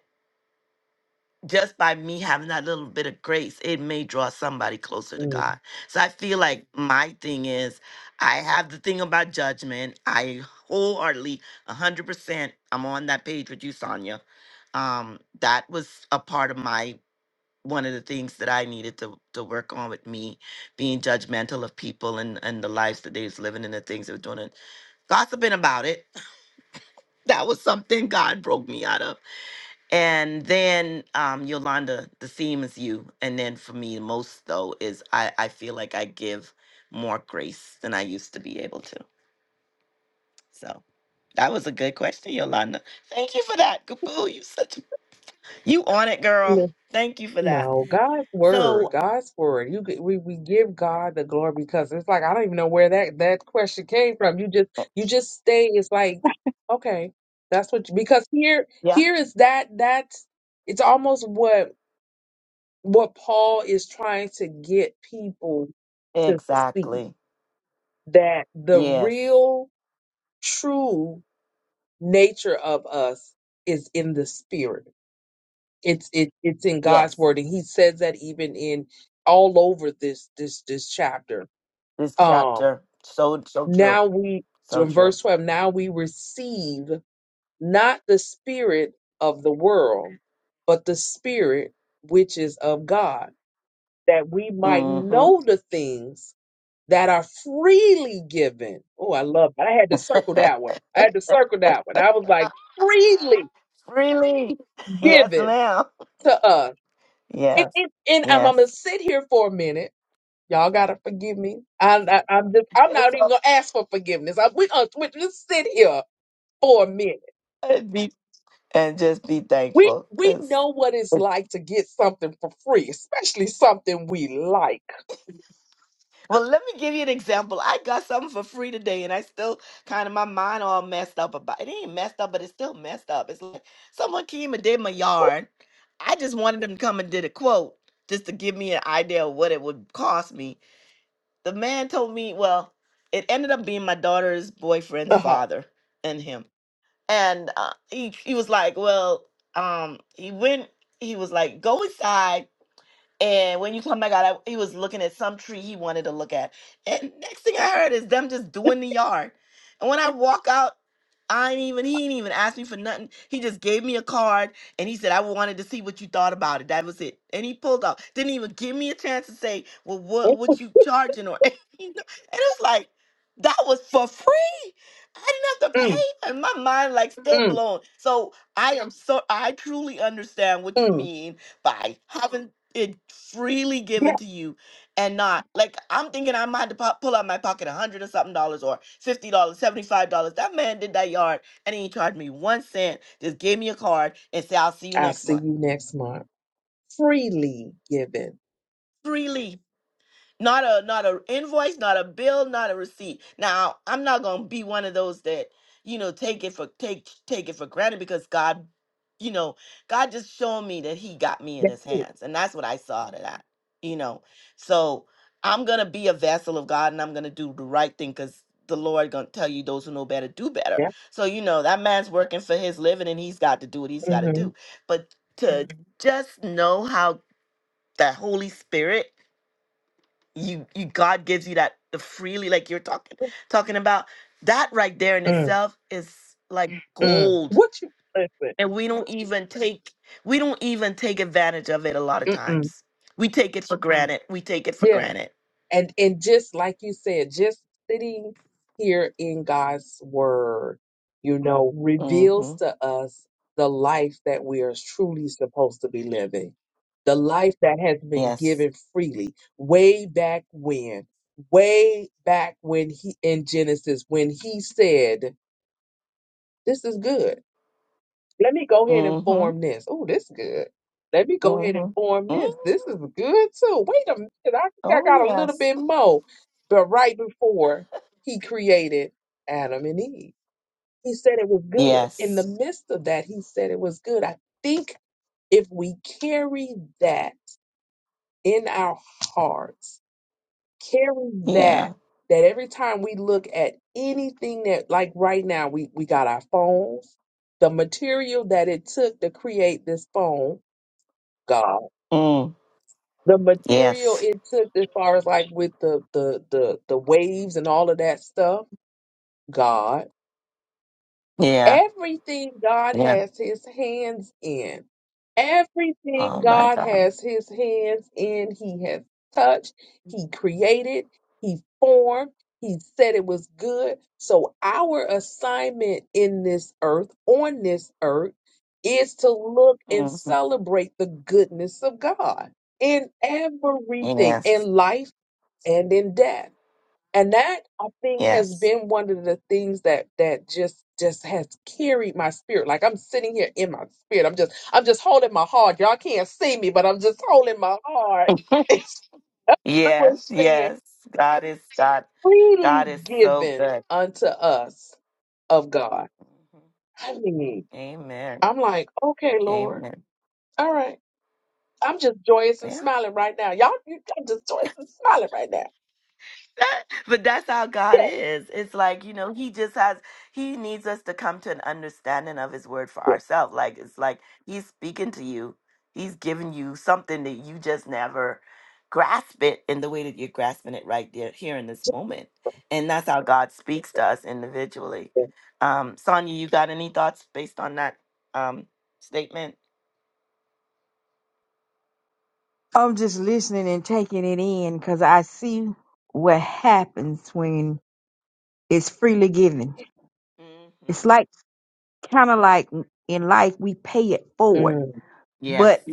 S1: just by me having that little bit of grace, it may draw somebody closer to
S3: mm.
S1: God. So I feel like my thing is I have the thing about judgment. I wholeheartedly, 100%, I'm on that page with you, Sonia. Um, that was a part of my one of the things that I needed to to work on with me being judgmental of people and and the lives that they was living and the things they were doing and gossiping about it. That was something God broke me out of. And then um, Yolanda, the theme is you. And then for me, most though is I, I feel like I give more grace than I used to be able to. So that was a good question, Yolanda. Thank you for that, Kapoo. You such a, you on it, girl.
S3: Listen,
S1: Thank you for that.
S3: No, God's word,
S1: So
S3: God's word. You g- we we give God the glory because it's like I don't even know where that that question came from. You just
S1: uh,
S3: you just stay. It's like okay, that's what you- because here
S1: yeah,
S3: here is that that's it's almost what what Paul is trying to get people to see
S1: exactly.
S3: that the
S1: Yes,
S3: real true nature of us is in the spirit it's it, it's in god's
S1: yes.
S3: word and he says that even in all over this this this chapter
S1: This
S3: um
S1: chapter so so true,
S3: now we
S1: so
S3: in verse
S1: true.
S3: 12 now we receive not the spirit of the world but the spirit which is of god that we might know
S1: Mm-hmm.
S3: the things that are freely given. Oh, I love that. I had to circle that one. I had to circle that one. I was like, freely
S1: Freely, yes,
S3: given
S1: ma'am.
S3: to us. And,
S1: Yes.
S3: and, and I'm, I'm gonna
S1: Yes.
S3: sit here for a minute. Y'all gotta forgive me. I, I, I'm just, I'm
S1: And
S3: not even
S1: so
S3: gonna ask for forgiveness. I, we, uh, we just sit here for a minute.
S1: and be and just be
S3: We,
S1: thankful
S3: we
S1: because
S3: know what it's like to get something for free, especially something we like.
S1: well, let me give you an example. I got something for free today, and I still kind of my mind all messed up about it. Ain't messed up, but it's still messed up. It's like someone came and did my yard. I just wanted them to come and did a quote just to give me an idea of what it would cost me. The man told me, well, it ended up being my daughter's
S3: Uh
S1: boyfriend's
S3: huh.
S1: father and him. and uh, he he was like, well, um, he went. He was like, go inside and when you come back out, I, he was looking at some tree he wanted to look at. And next thing I heard is them just doing the yard. And when I walk out, I ain't even he ain't even asked me for nothing. He just gave me a card and he said I wanted to see what you thought about it. That was it. And he pulled off. Didn't even give me a chance to say, well, what what
S3: Mm,
S1: you charging or anything. and it's like that was for free. I didn't have to pay. And my mind like still
S3: mm,
S1: blown. So I am so I truly understand what you
S3: mm.
S1: mean by having it freely
S3: Yeah.
S1: given to you and not like I'm thinking I might to po- pull out my pocket a hundred or something dollars or fifty dollars, seventy five dollars. That man did that yard and he charged me one cent, just gave me a card and said, I'll see you
S3: I'll
S1: next
S3: see
S1: month.
S3: you next month. Freely given
S1: Freely. Not a not a invoice, not a bill, not a receipt. Now, I'm not gonna be one of those that, you know, take it for take take it for granted because God, you know, God just showed me that He got me in
S3: That's
S1: His
S3: it.
S1: hands. And that's what I saw to that, you know. So I'm gonna be a vessel of God and I'm gonna do the right thing because the Lord gonna tell you those who know better do better.
S3: Yeah.
S1: So, you know, that man's working for his living and he's got to do what he's gotta
S3: Mm-hmm.
S1: do. But to Mhm. just know how the Holy Spirit you you God gives you that the freely like you're talking talking about that right there in
S3: Mm,
S1: itself is like Mm.
S3: mm.
S1: gold
S3: What you listen?
S1: and we don't even take we don't even take advantage of it a lot of
S3: Mm-mm.
S1: times we take it for Mm. granted we take it for
S3: Yeah.
S1: granted
S3: And and just like you said, just sitting here in God's word, you know, reveals
S1: Mm-hmm.
S3: to us the life that we are truly supposed to be living. The life that has been
S1: Yes.
S3: given freely way back when, way back when he in Genesis, when he said, This is good. Let me go ahead and
S1: Mm-hmm.
S3: form this. Oh, this is good. Let me go ahead and
S1: Mm-hmm.
S3: form
S1: mm
S3: this. This is good too. Wait a minute. I think I
S1: Oh
S3: got a little
S1: yes.
S3: bit more. But right before he created Adam and Eve, he said it was good. In the
S1: Yes.
S3: midst of that, he said it was good. I think if we carry that in our hearts, carry that
S1: Yeah.
S3: that every time we look at anything that like right now we we got our phones the material that it took to create this phone god
S1: Mm.
S3: the material
S1: Yes.
S3: it took as far as like with the the the, the waves and all of that stuff god
S1: Yeah.
S3: Everything God
S1: Yeah.
S3: has his hands in, everything
S1: Oh my
S3: God
S1: God.
S3: has his hands in, he has touched, he created, he formed, he said it was good. So, our assignment in this earth, on this earth, is to look and
S1: hmm
S3: celebrate the goodness of God in everything, in
S1: Yes.
S3: life and in death and that I think has
S1: Yes.
S3: been one of the things that that just just has carried my spirit. Like I'm sitting here in my spirit. I'm just I'm just holding my heart. Y'all can't see me, but I'm just holding my heart. It's always
S1: Yes,
S3: saying
S1: yes. God is God.
S3: freely
S1: God is so
S3: given
S1: good.
S3: unto us of God.
S1: Mhm.
S3: I mean,
S1: Amen.
S3: I'm like, okay, Lord,
S1: Amen.
S3: all right. I'm just joyous and
S1: Yeah.
S3: smiling right now. Y'all, you, I'm just joyous and smiling right now.
S1: but that's how God
S3: Yeah,
S1: is. It's like, you know, he just has he needs us to come to an understanding of his word for
S3: yeah,
S1: ourselves. Like it's like he's speaking to you. He's giving you something that you just never grasp it in the way that you're grasping it right there here in this moment. And that's how God speaks to us individually.
S3: yeah.
S1: Um Sonia, you got any thoughts based on that um statement?
S2: I'm just listening and taking it in because I see what happens when it's freely given. It's
S1: hmm
S2: like kind of like in life we pay it forward.
S3: Mm,
S1: Yes.
S2: But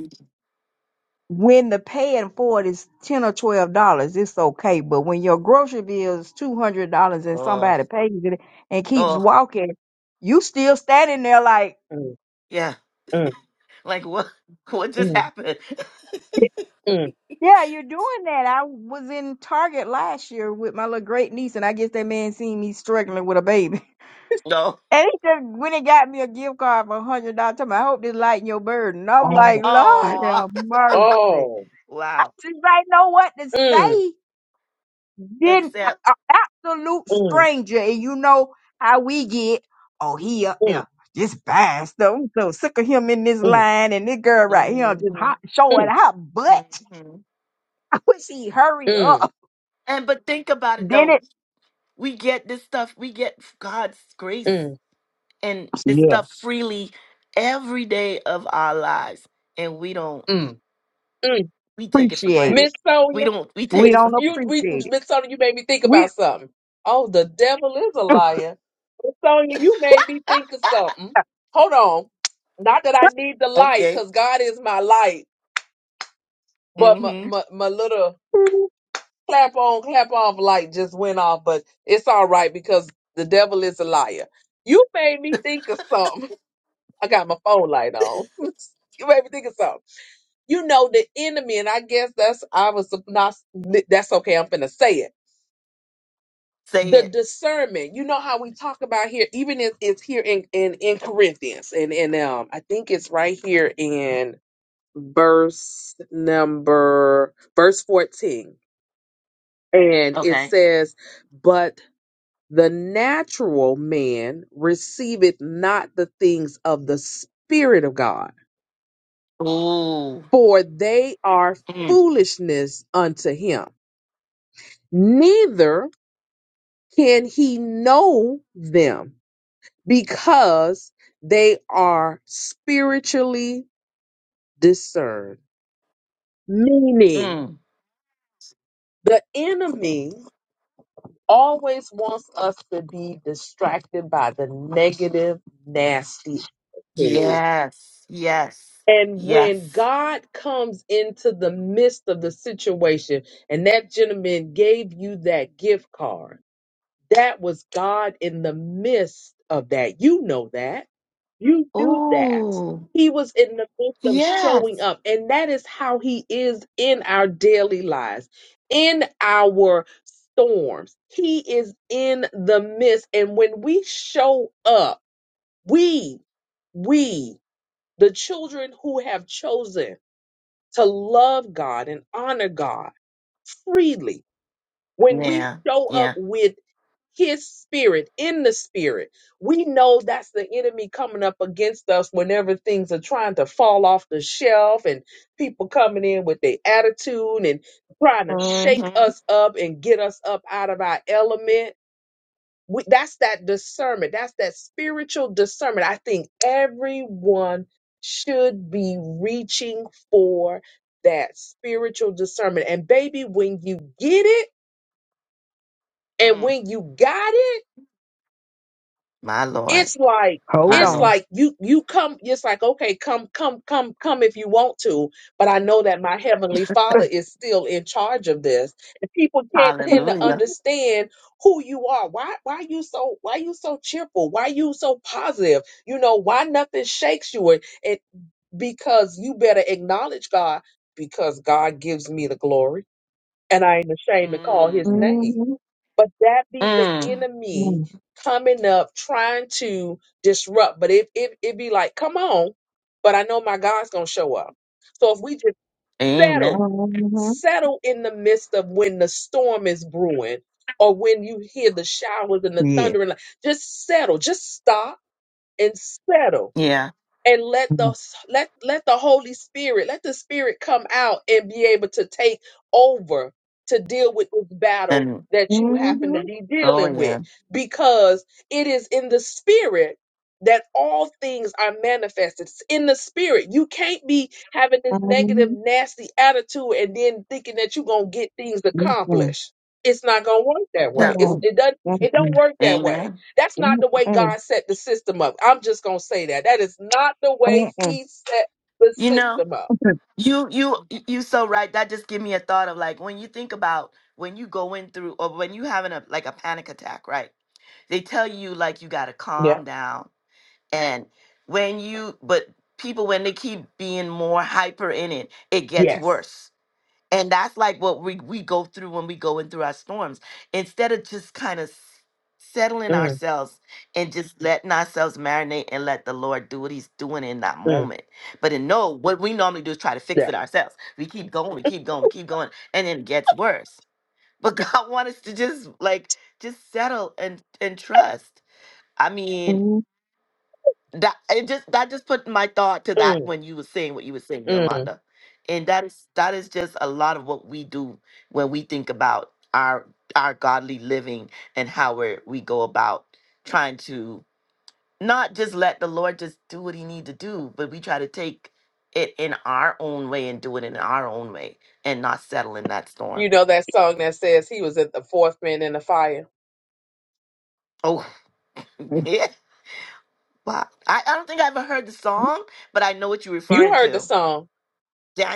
S2: when the paying for it is ten or twelve dollars, it's okay. But when your grocery bill is two hundred dollars and
S1: Oh,
S2: somebody pays it and keeps
S1: oh,
S2: walking, you still standing there like,
S3: mm,
S1: yeah. Like what what just
S3: mm,
S1: happened?
S3: mm,
S2: yeah, you're doing that. I was in Target last year with my little great niece, and I guess that man seen me struggling with a baby.
S1: No.
S2: And he just went and got me a gift card for a hundred dollars. Told me, I hope this lighten your burden. I was
S3: mm.
S2: like, Lord
S1: Oh,
S2: have mercy.
S3: Oh,
S2: I
S1: wow.
S2: just ain't know what to
S3: mm,
S2: say. Then
S1: Except,
S2: an absolute
S3: mm,
S2: stranger, and you know how we get. Oh, he up
S3: mm,
S2: there. This bastard. I'm so sick of him in this
S3: mm,
S2: line and this girl right here just
S1: hmm
S2: hot showing
S3: mm,
S2: her butt.
S1: hmm
S2: I wish he hurry
S3: mm,
S2: up.
S1: and but think about it
S2: Then
S1: though.
S2: it
S1: We get this stuff. We get God's grace
S3: mm,
S1: and this
S2: Yeah.
S1: stuff freely every day of our lives, and we don't.
S3: mm, mm.
S1: We take it for
S2: Appreciate
S1: granted.
S2: it.
S3: Miss
S1: We
S3: Sonia,
S1: don't. We take
S2: We
S1: it for.
S2: don't
S1: granted.
S3: you we
S2: appreciate it.
S3: Miss Sonia, you made me think
S2: We
S3: about something. Oh, the devil is a liar. Miss Sonia, you made me think of something. Hold on. Not that I need the light,
S1: okay.
S3: because God is my light, but my,
S1: mm hmm
S3: my, my little clap on, clap off light just went off, but it's all right because the devil is a liar. You made me think of something. I got my phone light on. you made me think of something. You know, the enemy, and I guess that's I was not. That's okay. I'm finna say it.
S1: Say
S3: The
S1: it.
S3: discernment. You know how we talk about here, even if it's here in in in Corinthians, and and um, I think it's right here in verse number verse 14 and it
S1: Okay.
S3: says but the natural man receiveth not the things of the spirit of god
S1: Ooh.
S3: for they are
S1: Mm.
S3: foolishness unto him. Neither can he know them because they are spiritually discerned. Meaning,
S1: Mm.
S3: the enemy always wants us to be distracted by the negative, nasty attitude.
S1: Yes. Yes.
S3: And when
S1: Yes.
S3: God comes into the midst of the situation, and that gentleman gave you that gift card That was God in the midst of that. You know that. You do that.
S1: Ooh.
S3: He was in the midst of
S1: Yes.
S3: showing up. And that is how He is in our daily lives, in our storms. He is in the midst. And when we show up, we, we, the children who have chosen to love God and honor God freely when we
S1: Yeah,
S3: show up
S1: yeah.
S3: with his spirit in the spirit, we know that's the enemy coming up against us whenever things are trying to fall off the shelf and people coming in with their attitude and trying to shake
S1: Mm-hmm.
S3: us up and get us up out of our element. We, that's that discernment. That's that spiritual discernment. I think everyone should be reaching for that spiritual discernment. And baby, when you get it, and
S1: Mm.
S3: when you got it,
S1: My Lord,
S3: it's like
S2: hold
S1: my
S3: it's
S1: Lord.
S2: on.
S3: like you you come it's like okay come come come come if you want to but i know that my heavenly father is still in charge of this and people can't tend to
S1: Hallelujah.
S3: understand who you are why why you so why you so cheerful why you so positive you know why nothing shakes you and it because you better acknowledge god because god gives me the glory and i ain't ashamed to call his
S1: Mm.
S3: name
S2: Mm-hmm.
S3: but that be the
S1: Mm.
S3: enemy
S2: Mm-hmm.
S3: coming up trying to disrupt. But it it it be like, come on, but I know my God's gonna show up. So if we just settle,
S1: Amen.
S3: settle in the midst of when the storm is brewing, or when you hear the showers and the
S2: Yeah.
S3: thunder, and like, just settle, just stop and settle
S1: Yeah.
S3: and let
S2: Mm-hmm.
S3: the let let the holy spirit let the spirit come out and be able to take over to deal with this battle
S1: And
S3: that you happen to
S2: Mm-hmm.
S3: be
S1: oh
S3: dealing with
S1: yeah.
S3: because it is in the spirit that all things are manifested it's in the spirit you can't be having this negative nasty attitude and then thinking that you're going to get things
S2: Mm-mm.
S3: accomplished it's not going to work that way
S1: That
S3: it's,
S2: Mm-mm.
S1: ooh.
S3: it doesn't it don't work that way
S1: Amen.
S3: that's not the way
S2: Mm-mm.
S3: God set the system up. I'm just going to say that. That is not the way
S2: Mm-mm.
S3: He set the
S1: You know,
S3: system up.
S1: you you you so right. That just give me a thought of like when you think about when you going through or when you having a like a panic attack, right? They tell you like you gotta
S3: Yeah.
S1: calm down. And when you but people when they keep being more hyper in it, it gets
S3: Yes.
S1: worse And that's like what we, we go through when we go in through our storms. Instead of just kind of settling
S3: Mm,
S1: ourselves and just letting ourselves marinate and let the Lord do what he's doing in that
S3: mm,
S1: moment. But in no, what we normally do is try to fix
S3: yeah.
S1: it ourselves. We keep going, we keep going, we keep going, and then it gets worse. But God wants us to just like just settle and and trust. I mean,
S2: Mhm.
S1: that it just that just put my thought to that
S3: Mm,
S1: when you were saying what you were saying,
S3: mm.
S1: Yolanda. And that is that is just a lot of what we do when we think about our our godly living and how we we go about trying to not just let the Lord just do what he need to do, but we try to take it in our own way and do it in our own way and not settle in that storm.
S3: You know that song that says he was at the fourth man in the fire.
S1: Oh yeah. Wow. I, I don't think I ever heard the song, but I know what you're
S3: You
S1: referring
S3: heard the
S1: to.
S3: song.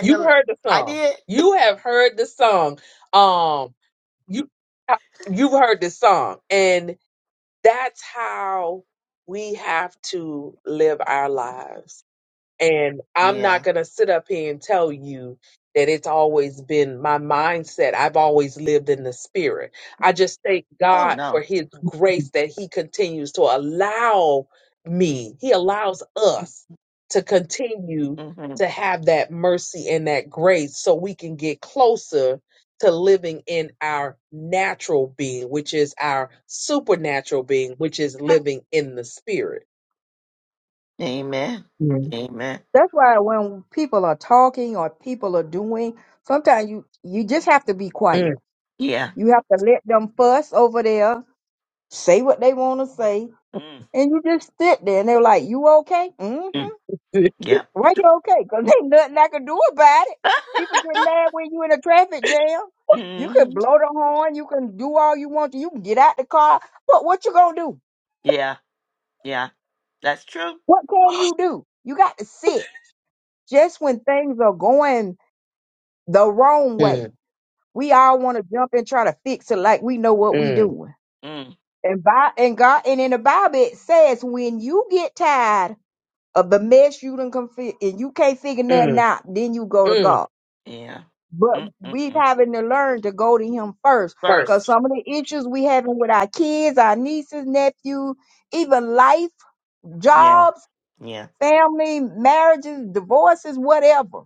S3: You heard the
S1: I
S3: song.
S1: did.
S3: You have heard the song. Um, you uh, you've heard the song, and that's how we have to live our lives. And I'm
S1: Yeah.
S3: not going to sit up here and tell you that it's always been my mindset. I've always lived in the spirit. I just thank
S1: Oh
S3: God for
S1: no.
S3: his grace that he continues to allow me, he allows us to continue
S1: hmm
S3: to have that mercy and that grace so we can get closer to living in our natural being, which is our supernatural being, which is living in the spirit.
S1: Amen.
S2: Yeah.
S1: Amen.
S2: That's why when people are talking or people are doing, sometimes you you just have to be quiet.
S3: Mm.
S1: Yeah.
S2: You have to let them fuss over there, say what they want to say,
S1: mm
S2: and you just sit there and they're like, "You okay? hmm
S1: mm. Yeah.
S2: Why you okay? Because ain't nothing I can do about it. People get mad when you in a traffic jam. You can
S1: hmm
S2: blow the horn. You can do all you want to. You can get out the car. What what you gonna do?
S1: Yeah. Yeah. That's true.
S2: What can you do? You got to sit. Just when things are going the wrong way.
S3: Mm,
S2: We all want to jump and try to fix it like we know what we
S3: mm,
S2: doing.
S1: Mm.
S2: And by and God and in the Bible it says when you get tired of the mess you done come fi- and you can't figure
S3: mm.
S2: nothing out, then you go to
S3: mm,
S2: God.
S1: Yeah.
S2: But we
S1: Mm-mm-mm.
S2: having to learn to go to Him first,
S3: first.
S2: cause
S1: First.
S2: some of the issues we having with our kids, our nieces, nephews, even life,
S1: Yeah.
S2: jobs,
S1: Yeah.
S2: family, marriages, divorces, whatever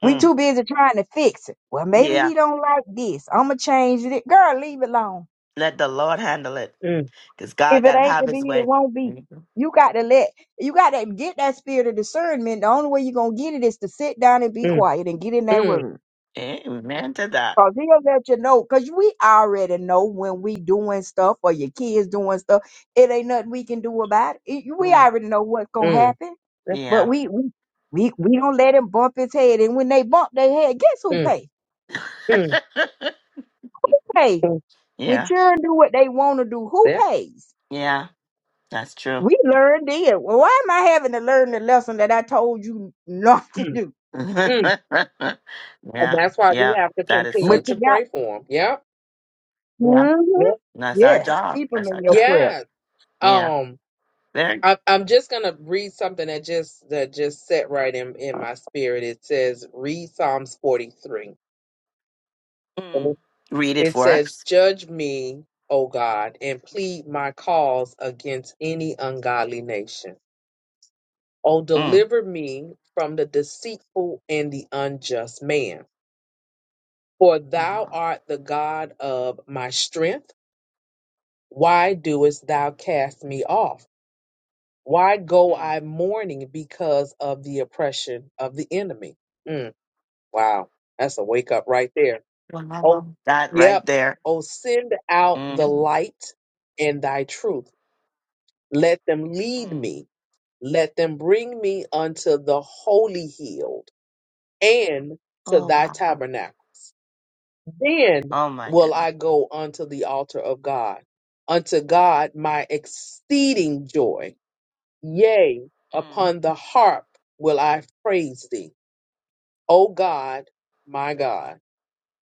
S2: We
S1: Mm.
S2: too busy trying to fix it. Well, maybe
S1: Yeah.
S2: he don't like this. I'ma change it. Girl, leave it alone.
S1: Let the Lord handle it,
S3: Mm,
S1: cause God
S2: If it
S1: gotta
S2: ain't
S1: have
S2: to
S1: His
S2: be, it
S1: way.
S2: won't be.
S1: Mhm.
S2: You got to let you got to get that spirit of discernment. The only way you're gonna get it is to sit down and be
S3: mm,
S2: quiet and get in that
S3: mm,
S2: word.
S1: Amen to that.
S2: Cause he'll let you know. Cause we already know when we doing stuff or your kids doing stuff. It ain't nothing we can do about it. It- We
S1: Mm.
S2: already know what's gonna
S3: mm,
S2: happen.
S3: mm,
S2: But
S1: Yeah.
S2: we we we, we don't let him bump his head. And when they bump their head, guess who
S3: mm,
S2: pay?
S3: mm,
S2: Pay.
S3: mm,
S2: When
S1: yeah.
S2: children do what they want to do, who
S3: yeah,
S2: pays?
S1: Yeah. That's true.
S2: We learned then. Well, why am I having to learn the lesson that I told you not to
S3: mm,
S2: do?
S3: mm.
S1: yeah.
S3: And that's why we
S1: Yeah.
S3: have to
S1: That is
S3: continue
S1: so
S2: But you
S3: to
S1: true.
S2: got,
S3: pray for them. Yep.
S1: Yeah.
S2: hmm
S3: Yep.
S1: And that's our
S2: yes,
S1: job.
S2: keep them
S1: That's our
S2: in your
S1: job.
S2: prayer.
S3: Yes.
S1: Yeah.
S3: Um,
S1: There.
S3: I, I'm just gonna read something that just that just set right in in my spirit. It says, read Psalms 43. And
S1: Mm.
S3: it
S1: Read it
S3: it
S1: for
S3: says,
S1: us.
S3: "Judge me, O God, and plead my cause against any ungodly nation. O
S1: Mm.
S3: deliver me from the deceitful and the unjust man." For thou
S1: Wow.
S3: art the God of my strength. Why doest thou cast me off? Why go
S1: Mm.
S3: I mourning because of the oppression of the enemy? Mm, wow, that's a wake up right there. Oh,
S1: Wow. That right
S3: yep.
S1: there.
S3: Oh, send out the
S1: Mm.
S3: light and thy truth. Let them lead
S1: Mm.
S3: me. Let them bring me unto the holy hill and to
S1: Oh,
S3: thy
S1: wow.
S3: tabernacles. Then
S1: Oh, my
S3: will
S1: goodness.
S3: I go unto the altar of God, unto God my exceeding joy. Yea,
S1: Mm.
S3: upon the harp will I praise thee. O God, my God,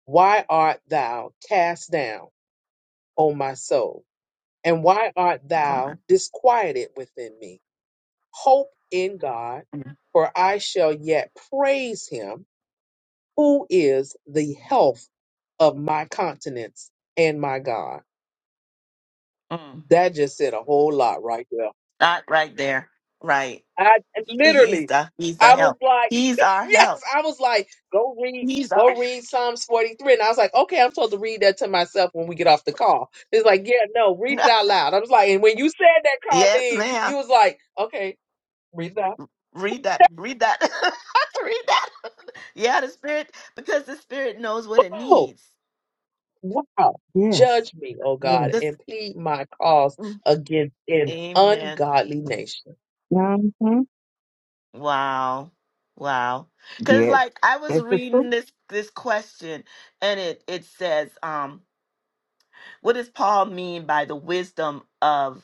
S3: why art thou cast down, O my soul? And why art
S1: Oh, my.
S3: thou disquieted within me? Hope in God,
S1: Mm.
S3: for I shall yet praise him who is the health of my countenance and my God.
S1: Mm.
S3: That just said a whole lot right there.
S1: That right there. Right.
S3: I
S1: He's
S3: literally,
S1: the, he's the
S3: I was
S1: help.
S3: like,
S1: He's our
S3: yes,
S1: help.
S3: I was like, go read,
S1: He's our,
S3: go read Psalms 43. And I was like, okay, I'm supposed to read that to myself when we get off the call. It's like, yeah, no, read it out loud. I was like, and when you said that,
S1: yes,
S3: Colleen,
S1: ma'am.
S3: you was like, okay, read it out.
S1: Read that. Read that. read that. Yeah, the spirit, because the spirit knows what it
S3: Oh,
S1: needs.
S3: wow. Judge
S2: Yes,
S3: me, oh God,
S2: yes,
S1: This,
S3: and plead my cause
S1: Mm.
S3: against an
S1: Amen.
S3: ungodly nation.
S2: mm-hmm.
S1: Wow. Wow. Cuz
S2: yes.
S1: like I was
S2: That's the truth.
S1: reading this this question and it it says um what does Paul mean by the wisdom of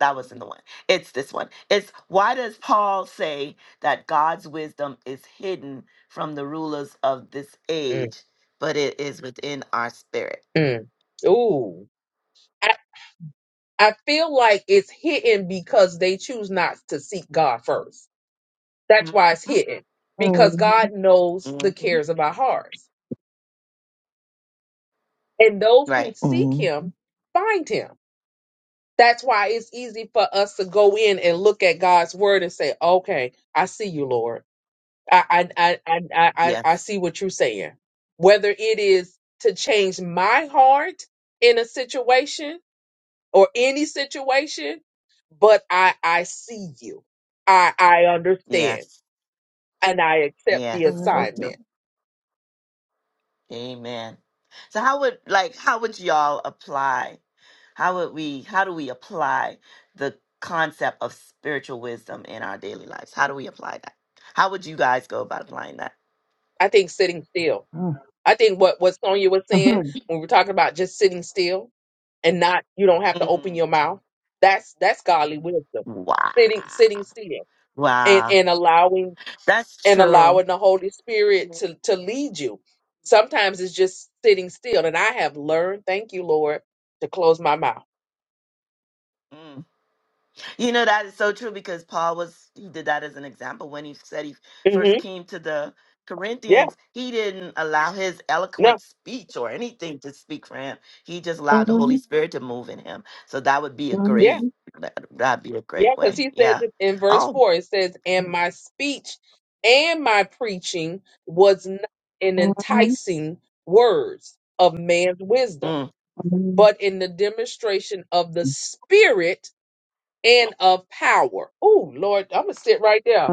S1: that wasn't the one. It's this one. It's why does Paul say that God's wisdom is hidden from the rulers of this
S3: Mm,
S1: age, but it is within our spirit?
S3: mm. Ooh. I feel like it's hidden because they choose not to seek God first. That's
S1: Mhm.
S3: why it's hidden because
S2: Mm-hmm.
S3: God knows the
S1: Mhm.
S3: cares of our hearts. And those who
S1: Right.
S3: seek
S2: Mm-hmm.
S3: Him find Him. That's why it's easy for us to go in and look at God's word and say, okay, I see you, Lord. I, I, I, I, I, I
S1: Yes.
S3: see what you're saying. Whether it is to change my heart in a situation or any situation, but I I see you. I I understand
S1: Yes.
S3: and I accept the
S1: Yes. So true.
S3: assignment.
S1: Amen. So how would like how would y'all apply How would we how do we apply the concept of spiritual wisdom in our daily lives? How do we apply that? How would you guys go about applying that?
S3: I think sitting still
S2: Mm-hmm.
S3: I think what what Sonya was saying when we were talking about just sitting still and not you don't have to open
S1: Mm,
S3: your mouth. That's that's godly wisdom.
S1: wow.
S3: Sitting sitting still and
S1: Wow.
S3: and allowing
S1: That's
S3: and
S1: true.
S3: allowing the Holy Spirit to to lead you. Sometimes it's just sitting still, and I have learned. Thank you, Lord, to close my mouth.
S1: You know that is so true because Paul was he did that as an example when he said he first
S3: hmm
S1: came to the
S3: Yeah.
S1: Corinthians, he didn't allow his
S3: No.
S1: eloquent speech or anything to speak for him. He just allowed the Holy
S2: Mm-hmm.
S1: Spirit to move in him. So that would be a
S3: Yeah.
S2: Mm-hmm.
S1: great that that'd be a
S3: Yeah,
S1: great
S3: because
S1: way.
S3: he says
S1: Yeah.
S3: it in verse
S1: Oh,
S3: 4, it says, And my speech and my preaching was not in enticing words of man's wisdom,
S1: mm.
S3: but in the demonstration of the spirit and of power. Oh, Lord, I'm going to sit right there.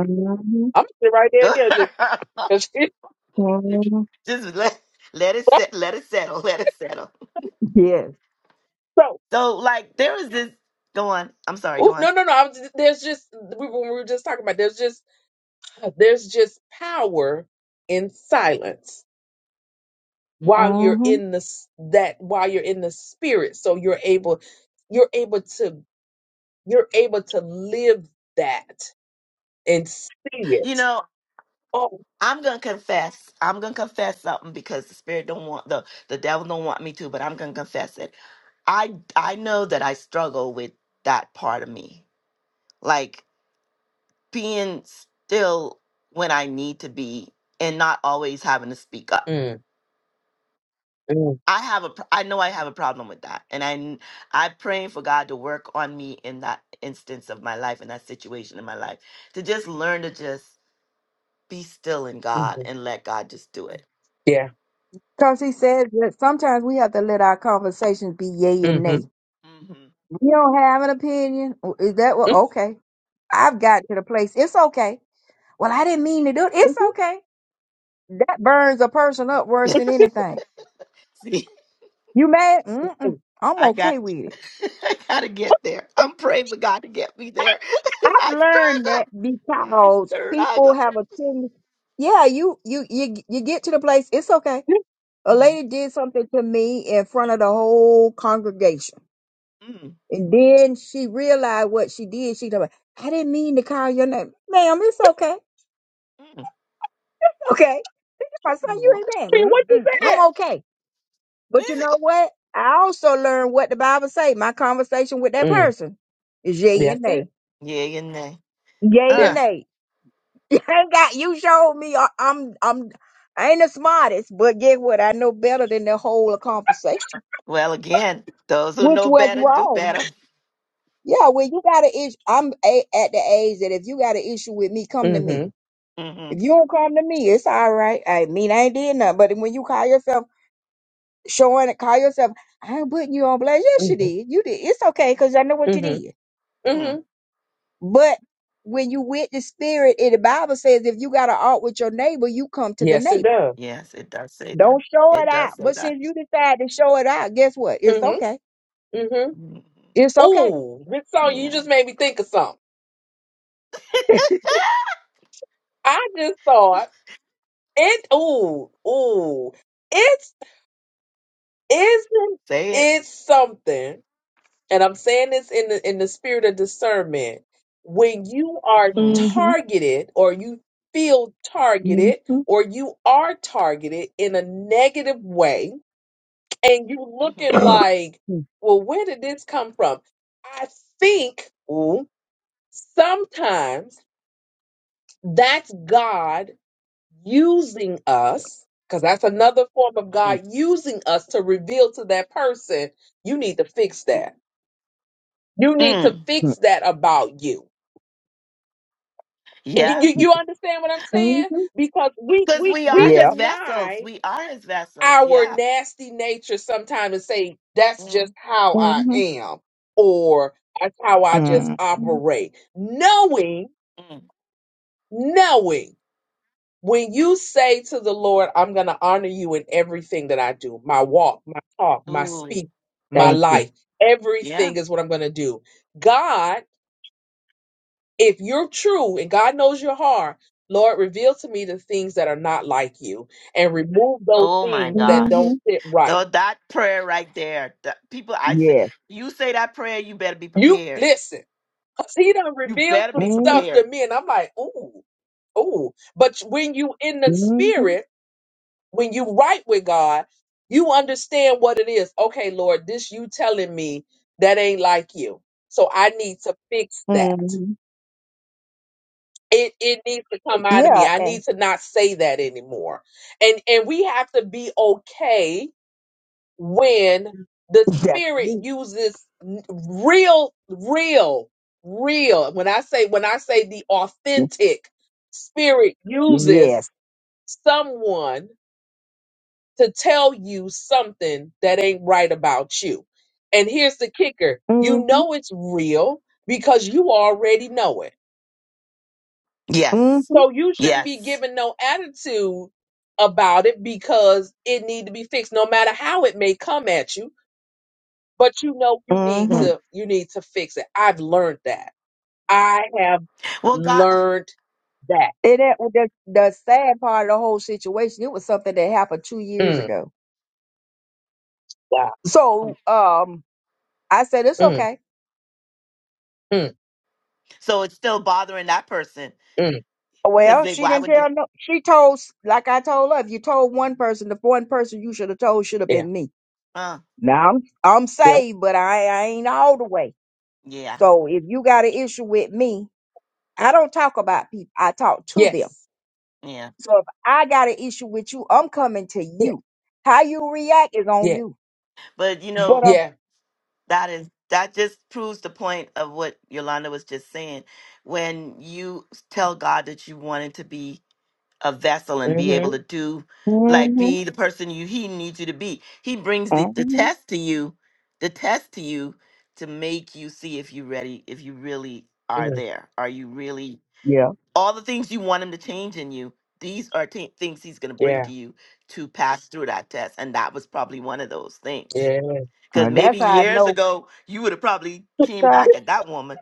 S3: I'm going to sit right there
S1: good.
S3: again. Just because
S2: Mm-hmm.
S1: just let let it set let it settle. Let it settle.
S2: Yes.
S3: so. so,
S1: So like there is this go on. I'm sorry, go
S3: Ooh,
S1: on.
S3: no, no, no. I'm, there's just we, we were just talking about. There's just there's just power in silence
S1: Mm.
S3: while you're in the s- that while you're in the spirit so you're able you're able to you're able to live that and see
S1: You
S3: it
S1: know,
S3: oh
S1: I'm gonna confess. I'm gonna confess something because the spirit don't want the the devil don't want me to, but I'm gonna confess it. I I know that I struggle with that part of me. Like being still when I need to be and not always having to speak up.
S3: mm, mm,
S1: I have a pr- I know I have a problem with that. And I n- I praying for God to work on me in that instance of my life in that situation in my life to just learn to just be still in
S3: hmm
S1: God and let God just do it.
S3: yeah
S2: Because he says that sometimes we have to let our conversations be yay and
S3: mm-hmm.
S2: nay.
S1: Mhm.
S2: We don't have an opinion. Is that what? Okay. I've got to the place. It's okay. Well, I didn't mean to do it. It's
S3: Mm-hmm.
S2: okay. That burns a person up worse than anything. You mad? Mm-mm. I'm
S1: I got
S2: okay with it.
S1: I gotta get there. I'm praying for God to get me there.
S2: I've
S1: 'Cause I
S2: learned that
S1: struggle. I
S2: because
S1: struggle.
S2: people have a tendency. Yeah, you you you you get to the place. It's okay. A
S1: Mm,
S2: lady did something to me in front of the whole congregation.
S1: mm,
S2: And then she realized what she did. She told me, I didn't mean to call your name. Ma'am, it's okay.
S1: mm.
S2: Okay. My son,
S1: What?
S2: you ain't
S3: See
S2: mad.
S3: what you
S2: Mm-mm.
S3: said
S2: I'm okay. But you know what? I also learned what the Bible say. My conversation with that
S3: mm,
S2: person is yay and
S3: that's it
S2: nay.
S1: yeah, you know.
S2: Yay and
S3: yeah
S1: Uh,
S2: nay. You ain't got you showed me I- I'm I'm I ain't the smartest, but get what? I know better than the whole conversation.
S1: well, again, those who
S2: Which
S1: know
S2: was
S1: better do
S2: wrong.
S1: better.
S2: Yeah, well, you got an issue. I'm a, at the age that if you got an issue with me, come to me
S3: mm-hmm.
S1: hmm
S2: If you don't come to me, it's all right. I mean, I ain't did nothing. But when you call yourself showing it, call yourself, I ain't putting you on blast. Yes, you
S3: Mm-hmm.
S2: did. You did. It's okay because I know what you
S3: Mm-hmm.
S2: did.
S3: Mm-hmm.
S1: Mm.
S2: But when you with the spirit, and the Bible says if you got an art with your neighbor, you come to the
S3: yes it
S2: neighbor.
S3: does
S1: Yes, it does say that.
S2: Don't show
S1: It
S2: it
S1: does
S2: out.
S1: say
S2: But
S1: that.
S2: since you decide to show it out, guess what? It's
S3: mm-hmm.
S2: okay.
S3: Mm-hmm.
S1: hmm
S2: It's okay.
S3: oh this song you
S1: Yeah.
S3: just made me think of something i just thought it oh oh Isn't
S1: Say it.
S3: it something? And I'm saying this in the in the spirit of discernment. When you are
S1: hmm
S2: Mm-hmm.
S3: targeted or you feel targeted
S2: Mm-hmm.
S3: or you are targeted in a negative way and you looking
S1: hmm
S3: like, well, where did this come from? I think ooh, sometimes that's God using us, because that's another form of
S1: Mm.
S3: God using us to reveal to that person, you need to fix that. You need to
S1: Mm.
S3: fix that about you. And you,
S1: Yeah.
S3: you, you understand what I'm saying?
S2: mm-hmm.
S3: Because we,
S1: Because
S3: we,
S1: we
S3: we
S1: are
S2: Yeah.
S1: his vessels.
S3: deny
S1: We are his vessels.
S3: our
S1: Yeah.
S3: nasty nature sometimes and say, that's just
S1: Mm.
S3: how I
S2: Mm-hmm.
S3: am, or that's how I just
S2: mm
S3: operate. Knowing,
S1: mm.
S3: knowing. When you say to the Lord, I'm going to honor you in everything that I do, my walk, my talk, my
S1: Ooh,
S3: speak, my
S2: Thank
S1: mm,
S2: you.
S3: life,
S1: yeah.
S3: everything is what I'm going to do. God, if you're true and God knows your heart, Lord, reveal to me the things that are not like you and remove those
S1: Oh my
S3: things that
S2: Mm-hmm.
S3: don't
S1: gosh.
S3: sit right.
S1: So that prayer right there, that people, I say,
S2: Yes.
S1: you say that prayer, you better be
S3: You
S1: prepared.
S3: listen, 'cause he done
S1: You
S3: revealed
S1: better
S3: some
S1: be
S2: Mm-hmm.
S3: stuff to
S1: prepared.
S3: me, and I'm like, ooh, ooh. But when you in the
S2: Mm-hmm.
S3: spirit, when you right with God, you understand what it is. Okay, Lord, this you telling me that ain't like you. So I need to fix that.
S2: Mm-hmm.
S3: It it needs to come out of
S2: Yeah,
S3: me. I
S2: and
S3: need to not say that anymore. And and we have to be okay when the
S2: that's
S3: spirit
S2: me.
S3: uses n- real real real when I say when I say the authentic spirit uses
S2: Yes.
S3: someone to tell you something that ain't right about you. And here's the kicker
S2: hmm
S3: you know it's real because you already know it.
S2: hmm
S1: Yes.
S3: So
S2: hmm
S3: you shouldn't be
S1: Yes.
S3: giving no attitude about it because it need to be fixed no matter how it may come at you but you know you need
S2: And
S1: Mm.
S3: to you need to fix it i've learned that i have
S1: Well, God,
S3: learned that
S2: that was the, the sad part of the whole situation, it was something that happened two years
S3: mm,
S2: ago.
S3: wow
S1: mm.
S2: So um I said, It's
S3: mm,
S2: okay.
S3: mm,
S1: so it's still bothering that person
S3: mm,
S1: because
S2: Well,
S1: they,
S2: she
S1: why
S2: didn't
S1: would they?
S2: tell no she told s- like I told her, if you told one person, the one person you should have told should have
S3: yeah
S2: been me.
S1: Uh,
S2: Now I'm I'm
S3: yeah
S2: saved, but I, I ain't all the way.
S1: yeah.
S2: So if you got an issue with me, I don't talk about people, I talk to them.
S3: yes
S1: Yeah.
S2: So if I got an issue with you, I'm coming to
S3: yeah
S2: you. How you react is on
S3: yeah
S2: you.
S1: But you
S2: But
S1: know,
S2: uh,
S3: yeah
S1: that is, that just proves the point of what Yolanda was just saying. When you tell God that you want it to be a vessel and be
S3: hmm
S1: able to do like
S2: hmm
S1: be the person you he needs you to be he brings the, the
S2: hmm
S1: test to you the test to you to make you see if you're ready if you really are
S3: mm,
S1: there are you really
S2: yeah,
S1: all the things you want him to change in you these are t- things he's going to bring
S3: yeah
S1: to you to pass through that test and that was probably one of those things
S3: Yeah.
S1: because
S2: Uh, that's
S1: maybe
S2: how I
S1: years
S2: know.
S1: ago you would have probably came
S2: Sir,
S1: back at that woman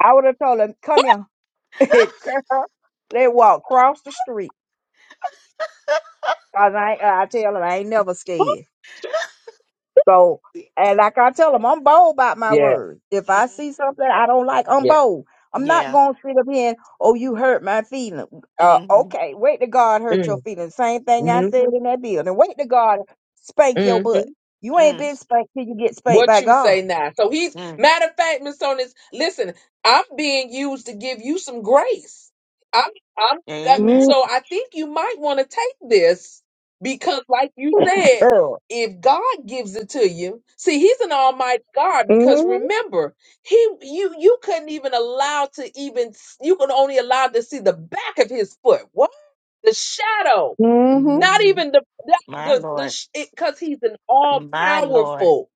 S2: I would have told him, "Come here, girl." They walk across the street. Cause I, ain't- I tell him I ain't never scared. So, and like I tell them, I'm bold about my
S3: Yeah,
S2: words. If
S1: hmm
S2: I see something I don't like, I'm
S3: yeah.
S2: bold. I'm not
S1: yeah
S2: gonna sit up here and, oh, you hurt my feelings. Uh,
S1: hmm
S2: okay, wait to God hurt your
S3: Mm,
S2: feelings. Same thing I said
S3: mm-hmm,
S2: in that building. Wait to God spank your
S3: mm-hmm.
S2: butt. You ain't
S1: mm
S2: been spanked till you get spanked
S3: What
S2: by
S3: you
S2: God.
S3: say now? So he's
S1: mm
S3: matter of fact, Miss Sonis, listen, I'm being used to give you some grace. I'm, I'm. That,
S1: amen
S2: Mm,
S3: so I think you might want to take this because, like you
S1: Mm.
S3: said,
S2: girl.
S3: if God gives it to you, see, He's an Almighty God. Because remember, He, you, you couldn't even allow to even you could only allow to see the back of His foot. What the shadow?
S2: Mm-hmm.
S3: Not
S1: Mm,
S3: even the
S1: My
S3: the
S1: Lord,
S3: the because he's an all
S1: my Lord.
S3: powerful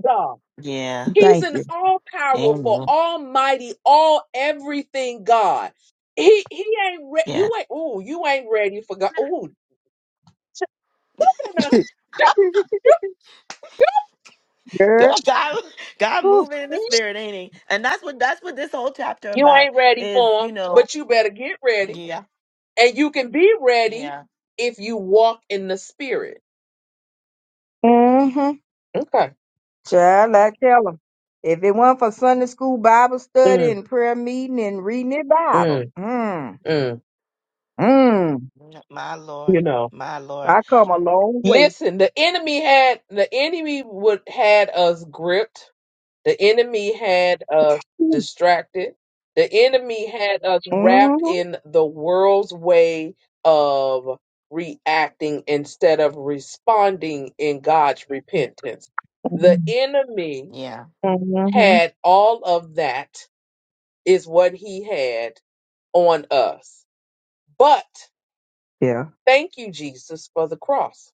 S3: God.
S1: Yeah.
S3: He's
S2: Thank
S3: an
S2: you,
S3: all powerful,
S1: Amen.
S3: almighty, all everything God. He he ain't re-
S1: Yeah.
S3: you ain't ooh you ain't ready for God. Ooh,
S2: girl.
S1: Good God, God moving in the spirit, ain't he? And that's what that's what this whole chapter
S3: you
S1: about
S3: ain't ready
S1: is,
S3: for
S1: you
S3: him,
S1: know.
S3: but you better get ready,
S1: Yeah.
S3: and you can be ready
S1: Yeah.
S3: if you walk in the Spirit.
S2: Mhm.
S3: Okay.
S2: Child,
S1: yeah.
S2: I tell tell 'em, if it weren't for Sunday school Bible study
S3: Mm,
S2: and prayer meeting and reading the Bible,
S3: mm,
S2: mm,
S3: mm.
S2: mm,
S1: Mm, My
S3: You
S1: Lord.
S3: know.
S1: My Lord.
S2: I come a long way.
S3: Listen, the enemy had the enemy would had us gripped. The enemy had us
S2: Mm-hmm.
S3: distracted. The enemy had us wrapped
S2: Mm-hmm.
S3: in the world's way of reacting instead of responding in God's repentance. The enemy
S1: Yeah.
S2: mm-hmm.
S3: had all of that is what he had on us. But
S2: Yeah,
S3: thank you Jesus for the cross.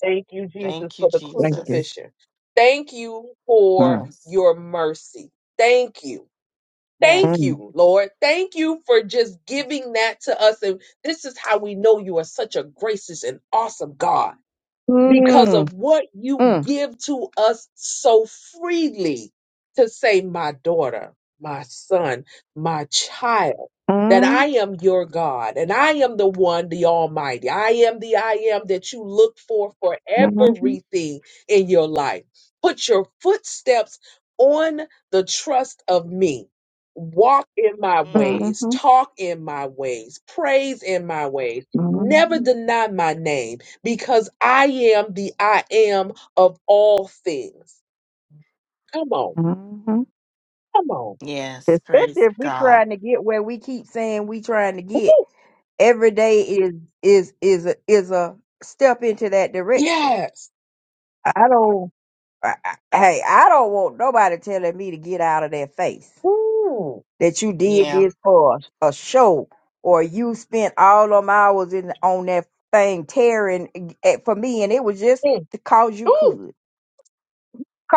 S3: Thank you, Jesus,
S1: Thank you,
S3: for the
S2: thank you.
S1: Jesus.
S3: crucifixion. Thank you for
S2: Mm,
S1: Yes.
S3: your mercy. Thank you. Thank
S1: Yes.
S2: mm,
S3: you, Lord. Thank you for just giving that to us. And this is how we know you are such a gracious and awesome God because of
S2: mm,
S3: what you
S2: mm,
S3: give to us so freely to say, my daughter, my son, my child, that I
S2: mm,
S3: am your God and I am the one, the Almighty. I am the I am that you look for for
S2: mm-hmm,
S3: everything in your life. Put your footsteps on the trust of me. Walk in my
S1: Mm,
S3: ways, talk in my ways, praise in my ways. Never
S2: mm-hmm,
S3: deny my name because I am the I am of all things. Come on,
S2: mm-hmm.
S3: come on.
S1: Yes.
S2: Especially
S1: Praise
S2: if we
S1: God.
S2: trying to get where we keep saying we trying to get. Every day is is is a, is a step into that direction.
S3: Yes.
S2: I don't. I, I- hey, I don't want nobody telling me to get out of their face
S3: Ooh.
S2: that you did
S1: Yeah.
S2: this for a, a show or you spent all them hours in on that thing tearing at, for me, and it was just
S3: Mm.
S2: because you
S3: Ooh.
S2: could,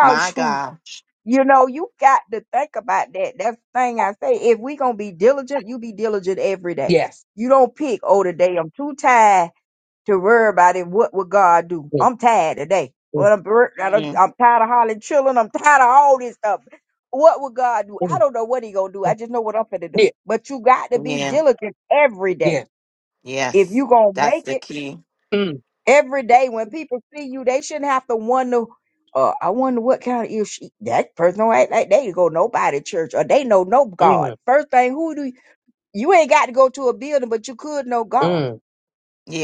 S1: My
S2: you.
S1: God.
S2: You know, you got to think about that. That's the thing I say. If we gonna be diligent, you be diligent every day.
S3: Yes.
S2: You don't pick, oh, today I'm too tired to worry about it. What would God do?
S3: Mm,
S2: I'm tired today.
S3: mm,
S2: Well, I'm, bur- I don't-
S1: Mm,
S2: I'm tired of hollering children. I'm tired of all this stuff. What would God do? I don't know what he gonna do. I just know what I'm finna do. But you got to be
S1: Yeah.
S2: diligent every day. If
S1: Yes.
S2: you gonna
S1: That's
S2: make
S1: the
S2: it
S1: key.
S2: every day, when people see you, they shouldn't have to wonder. Uh, I wonder what kind of if she, that person don't act like they go nobody church or they know no God.
S3: mm, mm. Yeah. Yeah. Mm, mm,
S2: First thing, who do you, you ain't got to go to a building, but you could know
S3: mm,
S2: God
S3: mm.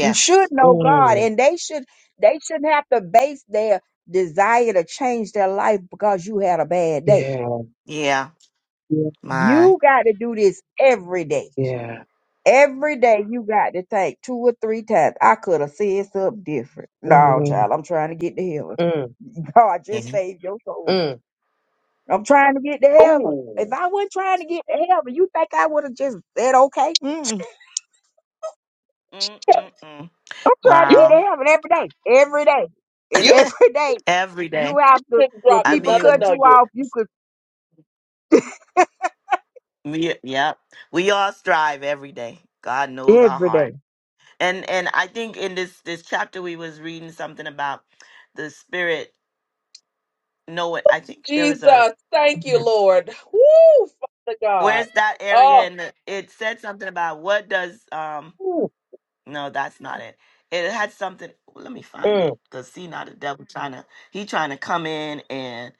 S2: you should know God, and they should they shouldn't have to base their desire to change their life because you had a bad day.
S3: Yeah.
S1: Yeah.
S3: Yeah.
S1: My.
S2: You got to do this every day.
S3: Yeah.
S2: Every day you got to think two or three times. I could have said something different. No,
S3: Mm,
S2: child, I'm trying to get to heaven.
S3: mm,
S2: God
S1: yeah.
S2: just saved your soul.
S3: mm.
S2: I'm trying to get to heaven. If
S3: Ooh.
S2: I wasn't trying to get to heaven, you think I would have just said okay?
S1: Mm,
S3: Yeah,
S1: mm, mm.
S2: I'm trying to
S3: You
S2: get
S1: Wow.
S2: to heaven every day, every day, and
S3: you
S2: every day
S1: every day.
S2: you have to.
S3: just
S2: When
S3: dropped
S1: I
S2: people
S3: another
S1: mean,
S2: cut you
S3: nugget.
S2: off, you could
S1: we, yep. We all strive every day. God knows our
S2: every
S1: heart.
S2: day.
S1: And and I think in this this chapter we was reading something about the spirit knowing. I think there was a
S3: Jesus,
S1: oh,
S3: thank you,
S1: it's,
S3: Lord. Woo, Father God.
S1: where's that area
S3: Oh,
S1: and the, it said something about what does um
S3: ooh,
S1: no that's not it. It had something. Let me find
S3: mm,
S1: it because see now the devil trying to he trying to come in and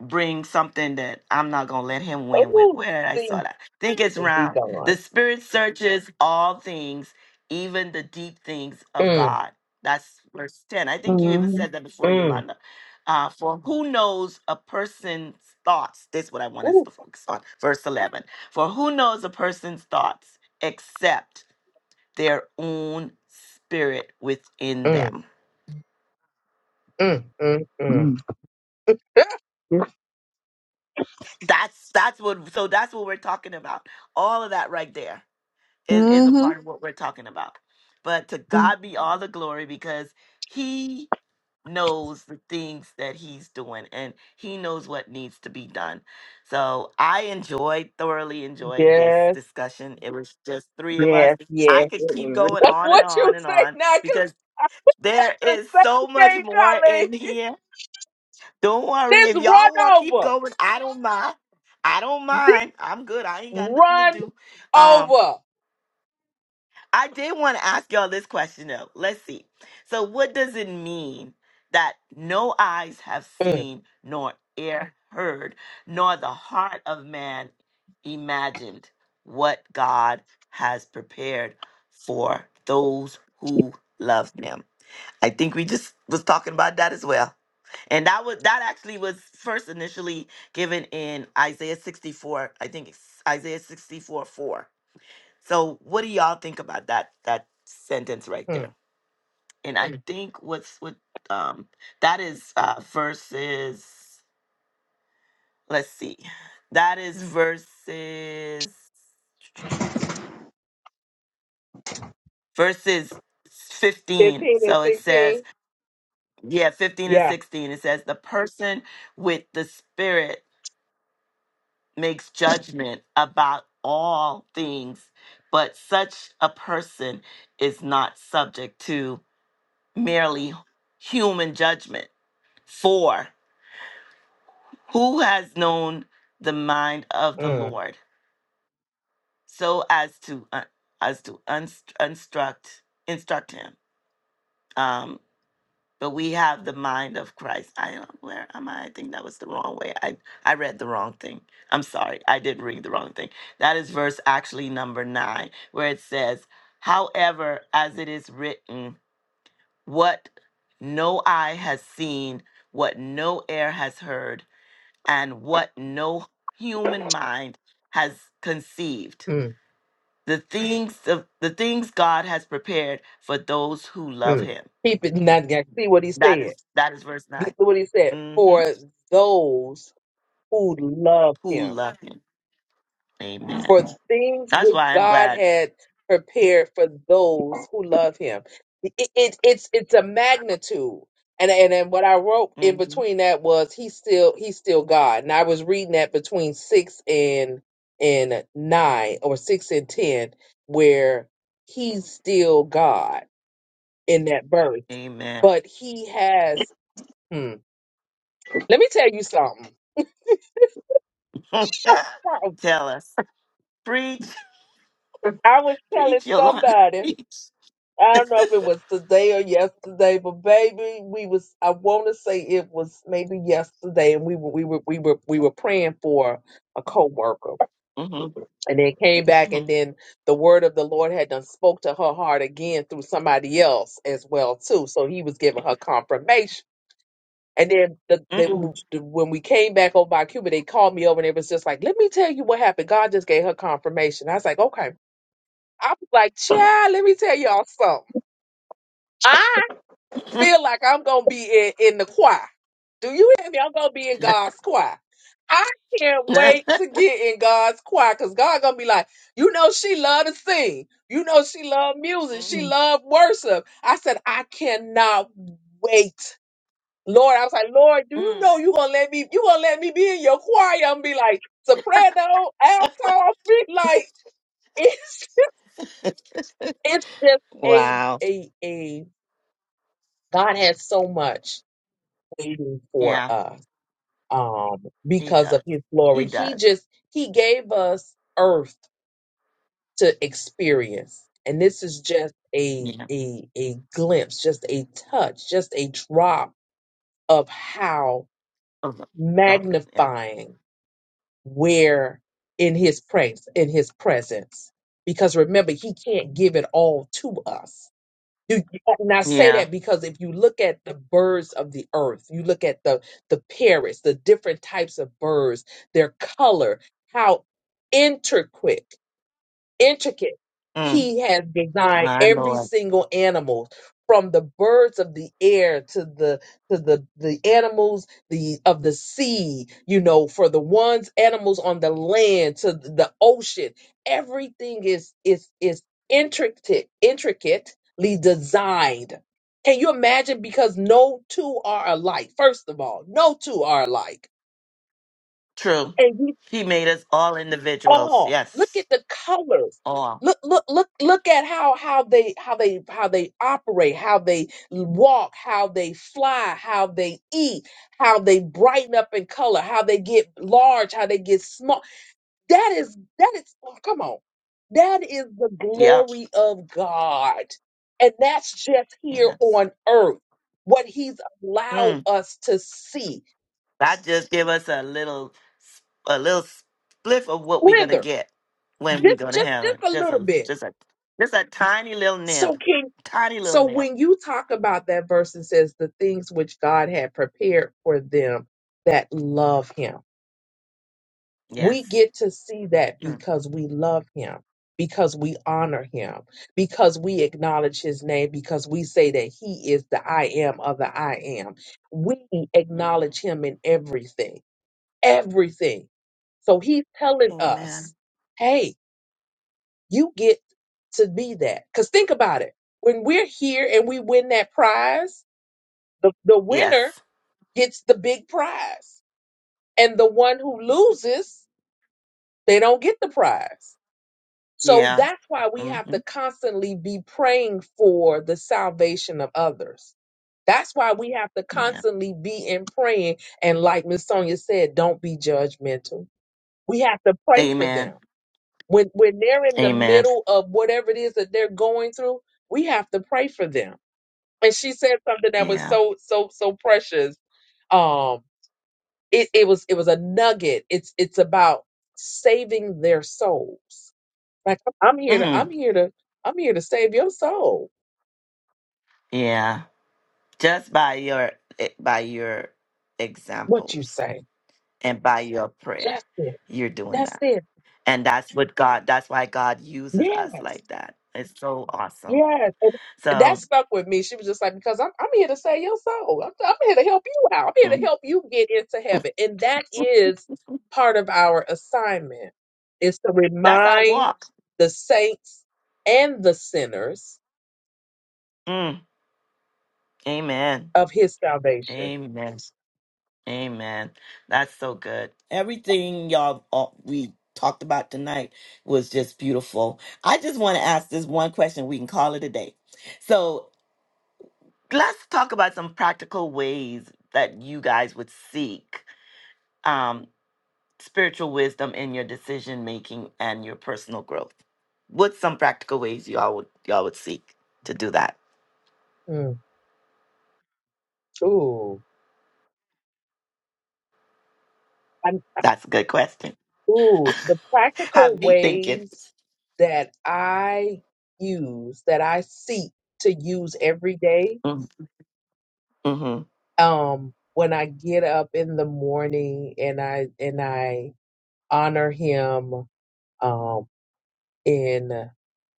S1: bring something that I'm not gonna let him win with.
S3: ooh.
S1: Where did I
S3: See,
S1: saw that? think it's
S3: and be
S1: round.
S3: gone.
S1: The spirit searches all things, even the deep things of
S3: Mm,
S1: God. That's verse 10. I think you even
S2: Mm-hmm.
S1: said that before,
S3: mm,
S1: Yolanda. Uh, for who knows a person's thoughts? This is what I want us
S3: ooh,
S1: to focus on. Verse 11. For who knows a person's thoughts except their own spirit within
S3: mm,
S1: them?
S3: mm, mm, mm.
S1: That's that's what so that's what we're talking about. All of that right there is is a
S2: Mm-hmm.
S1: part of what we're talking about. But to God be all the glory because he knows the things that he's doing and he knows what needs to be done. So I enjoyed thoroughly enjoyed this
S3: Yes.
S1: discussion. It was just three of us.
S2: Yes,
S1: I
S2: yes, it
S1: could keep
S2: was
S1: going
S3: That's
S1: on and
S3: what you
S1: on and
S3: say
S1: on
S3: now, because
S1: because
S3: I said
S1: there
S3: the
S1: is so
S3: same
S1: much
S3: thing,
S1: more
S3: Colleen.
S1: in here. Don't worry
S3: This
S1: if y'all
S3: run
S1: want to keep
S3: over.
S1: going, I don't mind. I don't
S3: This
S1: mind. I'm good. I ain't got nothing to
S3: run
S1: do. Um,
S3: over.
S1: I did want to ask y'all this question though. Let's see. So, what does it mean that no eyes have
S3: Mm,
S1: seen, nor ear heard, nor the heart of man imagined what God has prepared for those who love Him? I think we just was talking about that as well, and that was that actually was first initially given in Isaiah sixty four. I think it's Isaiah sixty four four so what do y'all think about that that sentence right
S3: mm.
S1: there? And I Mm. think what's what um that is uh verses let's see. That is verses verses 15.
S3: 15 and
S1: So it says,
S3: 16.
S1: yeah, 15 and
S3: Yeah.
S1: 16. It says the person with the spirit makes judgment about all things, but such a person is not subject to merely human judgment Four, who has known the mind of the
S3: Mm,
S1: Lord so as to uh, as to unst- instruct instruct him? Um, but we have the mind of Christ. I don't where am I? I think that was the wrong way. I I read the wrong thing. I'm sorry. I did read the wrong thing. That is verse actually number nine, where it says, "However, as it is written, what no eye has seen, what no ear has heard." and what no human mind has conceived
S3: mm,
S1: the things of the things god has prepared for those who love
S3: mm.
S1: him
S3: Keep it not gonna see what he
S1: that
S3: said.
S1: is that is verse 9
S3: Listen to what he said.
S1: hmm
S3: For those who love
S1: who
S3: him
S1: love him amen
S3: for things
S1: that's
S3: which
S1: why i'm
S3: God
S1: glad
S3: had prepared for those who love Him. It, it, it's it's a magnitude, and and then what I wrote in
S1: Mhm.
S3: between that was He's still He's still God, and I was reading that between six and and nine or six and ten, where He's still God in that verse,
S1: amen
S3: but He has. Hmm, let me tell you something.
S1: tell us preach
S3: I was telling
S1: preach yolanda
S3: somebody.
S1: preach
S3: I don't know if it was today or yesterday, but baby, we was I wanna say it was maybe yesterday and we were we were we were we were praying for a coworker,
S1: hmm
S3: And then came back
S1: hmm
S3: and then the word of the Lord had done spoke to her heart again through somebody else as well too. So he was giving her confirmation. And then the,
S1: mm mm
S2: really.
S3: the, the when we came back over by Cuba, they called me over and it was just like, let me tell you what happened. God just gave her confirmation. I was like, okay. I was like, child, let me tell y'all something. feel like I'm gonna be in, in the choir. Do you hear me? I'm gonna be in God's choir. I can't wait
S1: mm.
S3: to get in God's choir because God gonna be like, you know, she love to sing. You know, she love music. She love worship. I said, I cannot wait. Lord, I was like, Lord, do you
S1: mm.
S3: know you gonna let me? You gonna let me be in your choir? I'm gonna be like soprano, alto, be like it's it's just a
S1: Wow.
S3: a a God has so much waiting for
S1: Yeah,
S3: us. um,
S1: he
S3: because
S1: does.
S3: of his
S1: He
S3: glory. He
S1: does.
S3: just he gave us earth to experience. And this is just a
S1: Yeah.
S3: a a glimpse, just a touch, just a drop of how
S1: Oh, no. Drop it. Yeah.
S3: magnifying we're in his praise, in his presence. Because remember, he can't give it all to us You, and I say
S1: Yeah.
S3: that because if you look at the birds of the earth, you look at the the parrots, the different types of birds, their color, how intricate intricate.
S1: Mm,
S3: He has designed
S1: my
S3: every
S1: Lord.
S3: single animal from the birds of the air to the to the the animals the of the sea you know for the ones animals on the land to the ocean everything is is is intricate intricately designed can you imagine because no two are alike first of all no two are alike
S1: True. He made us all individuals.
S3: all. Look
S1: Yes.
S3: at the colors.
S1: All.
S3: Look, look, look, look at how how they how they how they operate, how they walk, how they fly, how they eat, how they brighten up in color, how they get large, how they get small. That is that is oh, come on. That is the
S1: Yep.
S3: glory of God. And that's just here
S1: Yes.
S3: on earth. What he's allowed
S1: Mm.
S3: us to see.
S1: That just give us a little, a little spliff of what we're gonna
S3: Slither.
S1: get when we
S3: Just
S1: go to
S3: just
S1: heaven.
S3: just a
S1: Just
S3: little
S1: a,
S3: bit
S1: just a, just a tiny little nib,
S3: So can
S1: tiny little
S3: so
S1: nib.
S3: when you talk about that verse and says the things which God had prepared for them that love him. We
S1: Yes.
S3: get to see that
S1: Mm.
S3: because we love him, because we honor him, because we acknowledge his name, because we say that he is the I am of the I am. We
S1: Mm.
S3: acknowledge him in everything. Everything. So he's telling us,
S1: Amen.
S3: hey, you get to be that. Because think about it. When we're here and we win that prize, the, the winner
S1: Yes.
S3: gets the big prize. And the one who loses, they don't get the prize. So
S1: Yeah.
S3: that's why we
S1: hmm
S3: have to constantly be praying for the salvation of others. That's why we have to
S1: Yeah.
S3: constantly be in praying. And like Miss Sonia said, don't be judgmental. We have to pray for them
S1: Amen.
S3: When when they're in the
S1: Amen.
S3: middle of whatever it is that they're going through, we have to pray for them. And she said something that was
S1: Yeah.
S3: so so so precious. Um, it it was it was a nugget. It's it's about saving their souls. Like I'm here to
S1: Mm.
S3: I'm here to I'm here to save your soul.
S1: Yeah, just by your eh, by your
S3: What you
S1: examples
S3: say?
S1: and by your prayer,
S3: That's it.
S1: you're doing
S3: That's
S1: that.
S3: it.
S1: And that's what God, that's why God uses us
S3: Yes.
S1: like that. It's so awesome.
S3: Yes, and that
S1: So
S3: stuck with me. She was just like, because I'm I'm here to save your soul. I'm, I'm here to help you out. I'm here to
S1: mm,
S3: help you get into heaven, and that is part of our assignment is to
S1: that's our
S3: remind
S1: walk.
S3: the saints and the sinners
S1: Mm, amen.
S3: of His salvation.
S1: Amen. Amen. That's so good. Everything y'all all, we talked about tonight was just beautiful. I just want to ask this one question. We can call it a day. So let's talk about some practical ways that you guys would seek um, spiritual wisdom in your decision making and your personal growth. What's some practical ways y'all would y'all would seek to do that?
S3: Mm. Ooh, I'm,
S1: That's a good question.
S3: I- ooh, the practical
S1: Have me thinking.
S3: ways that I use, that I seek to use every day
S1: Mm, mhm,
S3: um when I get up in the morning and I and I honor him um in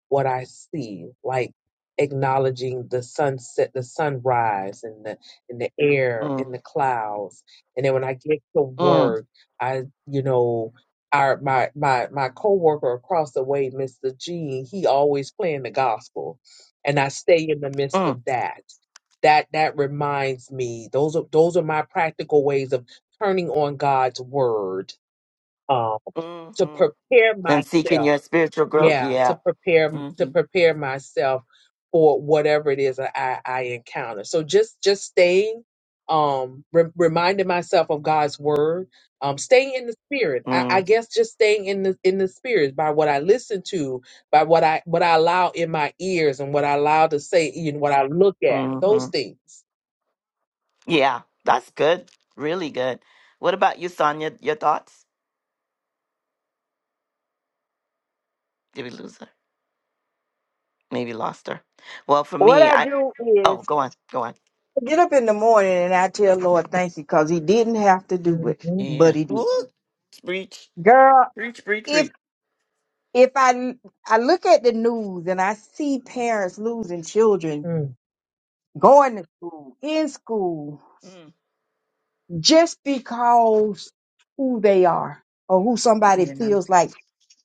S3: what I see, like acknowledging the sunset, the sunrise, and the in the air, in
S1: mm,
S3: the clouds. And then when I get to
S1: mm,
S3: work, I you know. Our, my my my coworker across the way, Mr. Gene, he always playing the gospel, and I stay in the midst
S1: mm,
S3: of that. That that reminds me. Those are those are my practical ways of turning on God's word um, to
S1: mhm.
S3: prepare
S1: And seeking
S3: myself
S1: your spiritual growth.
S3: yeah
S1: Yeah.
S3: to prepare to
S1: Mm-hmm,
S3: prepare myself for whatever it is that i i encounter so just just staying um re- reminding myself of god's word um staying in the spirit I, I
S1: mm,
S3: guess just staying in the in the spirit by what i listen to by what i what i allow in my ears and what i allow to say and what i look at
S1: hmm
S3: those things
S1: Yeah, that's good. Really good. What about you, Sonia? Your thoughts? Did we lose her? Maybe lost her. Well, for
S2: What
S1: me,
S2: I
S1: I
S2: do
S1: oh,
S2: is
S1: go on, go on.
S2: I get up in the morning and I tell Lord thank you because He didn't have to do it,
S3: Mhm,
S1: Yeah.
S2: but He
S1: Woo!
S2: did.
S1: Reach,
S2: Girl,
S1: reach, reach,
S2: if
S1: reach.
S2: if I I look at the news and I see parents losing children,
S3: mm,
S2: going to school, in school,
S1: Mm.
S2: just because who they are or who somebody
S1: Yeah.
S2: feels like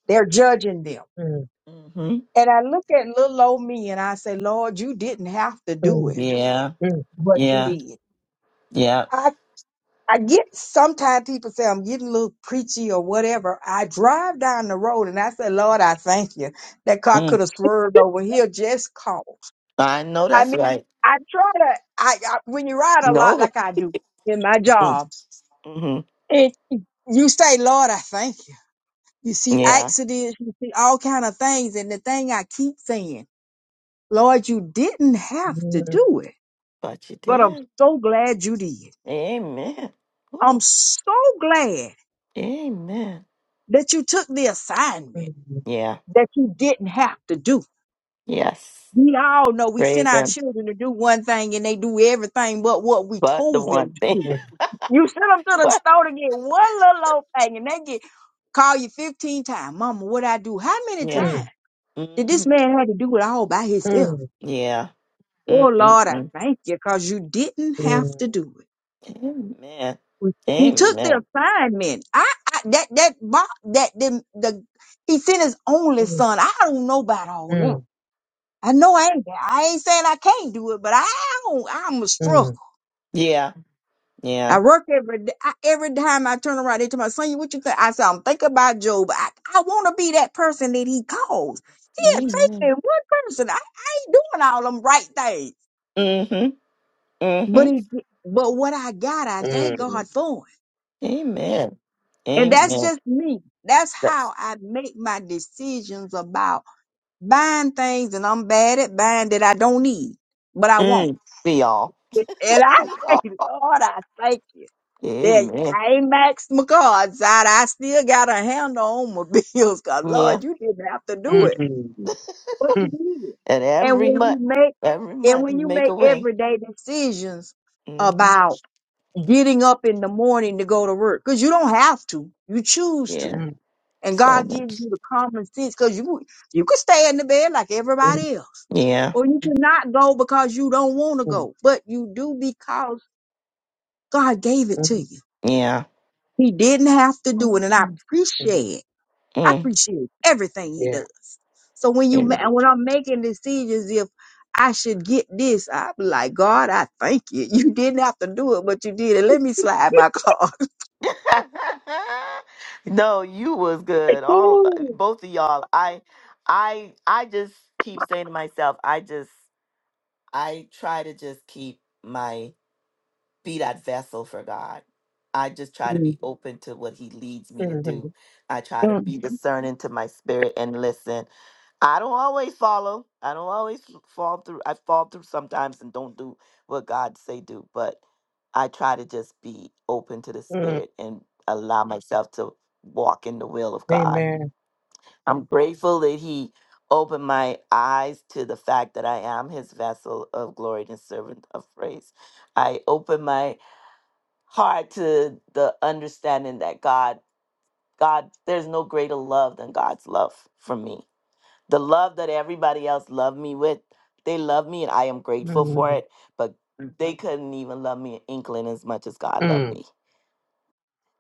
S2: they're judging them.
S3: mm,
S1: hmm
S2: And I look at little old me and I say, Lord, you didn't have to do
S3: mm,
S2: it,
S1: Yeah.
S3: mm,
S2: but you
S1: Yeah.
S2: did.
S1: Yeah.
S2: I, I get sometimes people say I'm getting a little preachy or whatever. I drive down the road and I say, Lord, I thank you. That car
S1: Mm.
S2: could have swerved over here just cause.
S1: I know
S2: I
S1: that's
S2: mean,
S1: right.
S2: I try to, I, I when you ride a lot
S1: No.
S2: like I do in my job,
S1: Mm-hmm.
S2: it, you say, Lord, I thank you. You see
S1: Yeah.
S2: accidents, you see all kind of things. And the thing I keep saying, Lord, you didn't have to
S3: mm,
S2: do it,
S1: But you
S2: but I'm
S1: did.
S2: so glad you did.
S1: Amen.
S2: I'm
S1: Ooh.
S2: so glad
S1: Amen.
S2: that you took the assignment
S3: mm,
S1: Yeah.
S2: that you didn't have to do.
S1: Yes.
S2: We all know we send
S1: Praise
S2: our
S1: him.
S2: children to do one thing and they do everything but what we
S1: But the
S2: told them
S1: one
S2: to
S1: thing.
S2: do.
S3: mm,
S2: You send them to the
S1: what?
S2: store to get one little old thing and they get call you 15 times. Mama, what I do? How many
S1: Yeah.
S2: times
S3: mm,
S2: did
S1: hmm
S2: this man have to do it all by himself?
S1: Yeah.
S2: Oh Lord, I
S1: Mm-mm-mm.
S2: thank you because you didn't
S3: mm,
S2: have to do it.
S1: Amen.
S2: We- He took the
S1: Amen.
S2: assignment. I, I that that bo- that the, the he sent his
S3: mm,
S2: only
S3: mm,
S2: son. I don't know about all that.
S3: mm,
S2: I know I ain't I ain't saying I can't do it, but I don't, I'm a
S3: mm.
S2: struggle.
S1: Yeah.
S2: I work every day. I, every time I turn around, they tell my son, "You what you think?" I said, "I'm thinking about Job. I, I want to be that person that he calls. He had faith in
S1: Amen.
S2: one person. I, I ain't doing all them right things,
S1: Mm-hmm. Mm-hmm.
S2: but he, but what I got, I thank God
S3: Mm.
S2: for.
S1: Amen.
S2: And that's
S1: Amen.
S2: just me. That's
S1: Yes.
S2: how I make my decisions about buying things, and I'm bad at buying that I don't need, but I won't.
S1: Mm. Be all.
S2: And I
S1: Be
S2: say,
S1: all.
S2: Lord, I thank you. That
S1: Amen.
S2: I ain't maxed my cards out. I still got a handle on my bills because,
S1: Yeah.
S2: Lord, you didn't have to do it,
S3: Mm.
S2: but you
S3: Mm.
S2: did.
S1: And
S2: And
S1: every
S2: when
S1: month,
S2: you make
S1: every
S2: and
S1: month
S2: when
S1: you
S2: you
S1: make
S2: make
S1: a way.
S2: everyday decisions
S1: Mm-hmm.
S2: about getting up in the morning to go to work, because you don't have to, you choose to
S1: Yeah.
S3: Mm.
S2: And
S1: So
S2: God gives
S1: much.
S2: you the common sense because you you could stay in the bed like
S3: Mm. Mm.
S2: everybody else,
S1: Yeah.
S2: or you could not go because you don't want to
S3: Mm.
S2: go, but you do because God gave it to
S3: Mm.
S2: you.
S1: Yeah.
S2: He didn't have to do
S1: Mhm.
S2: it, and I
S3: Mm.
S2: appreciate it. I
S1: Mm.
S2: appreciate everything He
S3: Yeah.
S2: does. So when you ma-
S1: Amen.
S2: and when I'm making decisions, if I should get this, I'm like God, I thank you. You didn't have to do it, but you did it. Let me slide my car.
S1: no, you was good. All
S3: Woo.
S1: both of y'all. I I I just keep saying to myself, I just I try to just keep my be that vessel for God. I just try to
S2: Mm,
S1: be open to what He leads me to do.
S3: Mhm.
S1: I try to
S2: mm,
S1: be discerning to my spirit and listen. I don't always follow. I don't always f- fall through. I fall through sometimes and don't do what God say do. But I try to just be open to the
S3: Mm.
S1: spirit and allow myself to walk in the will of God.
S3: Amen.
S1: I'm grateful that He opened my eyes to the fact that I am His vessel of glory and servant of praise. I open my hard to the understanding that God, God, there's no greater love than God's love for me. The love that everybody else loved me with, they love me and I am grateful for
S3: Mm.
S1: it, but Mhm. they couldn't even love me an inkling as much as God loved
S3: Mm.
S1: me.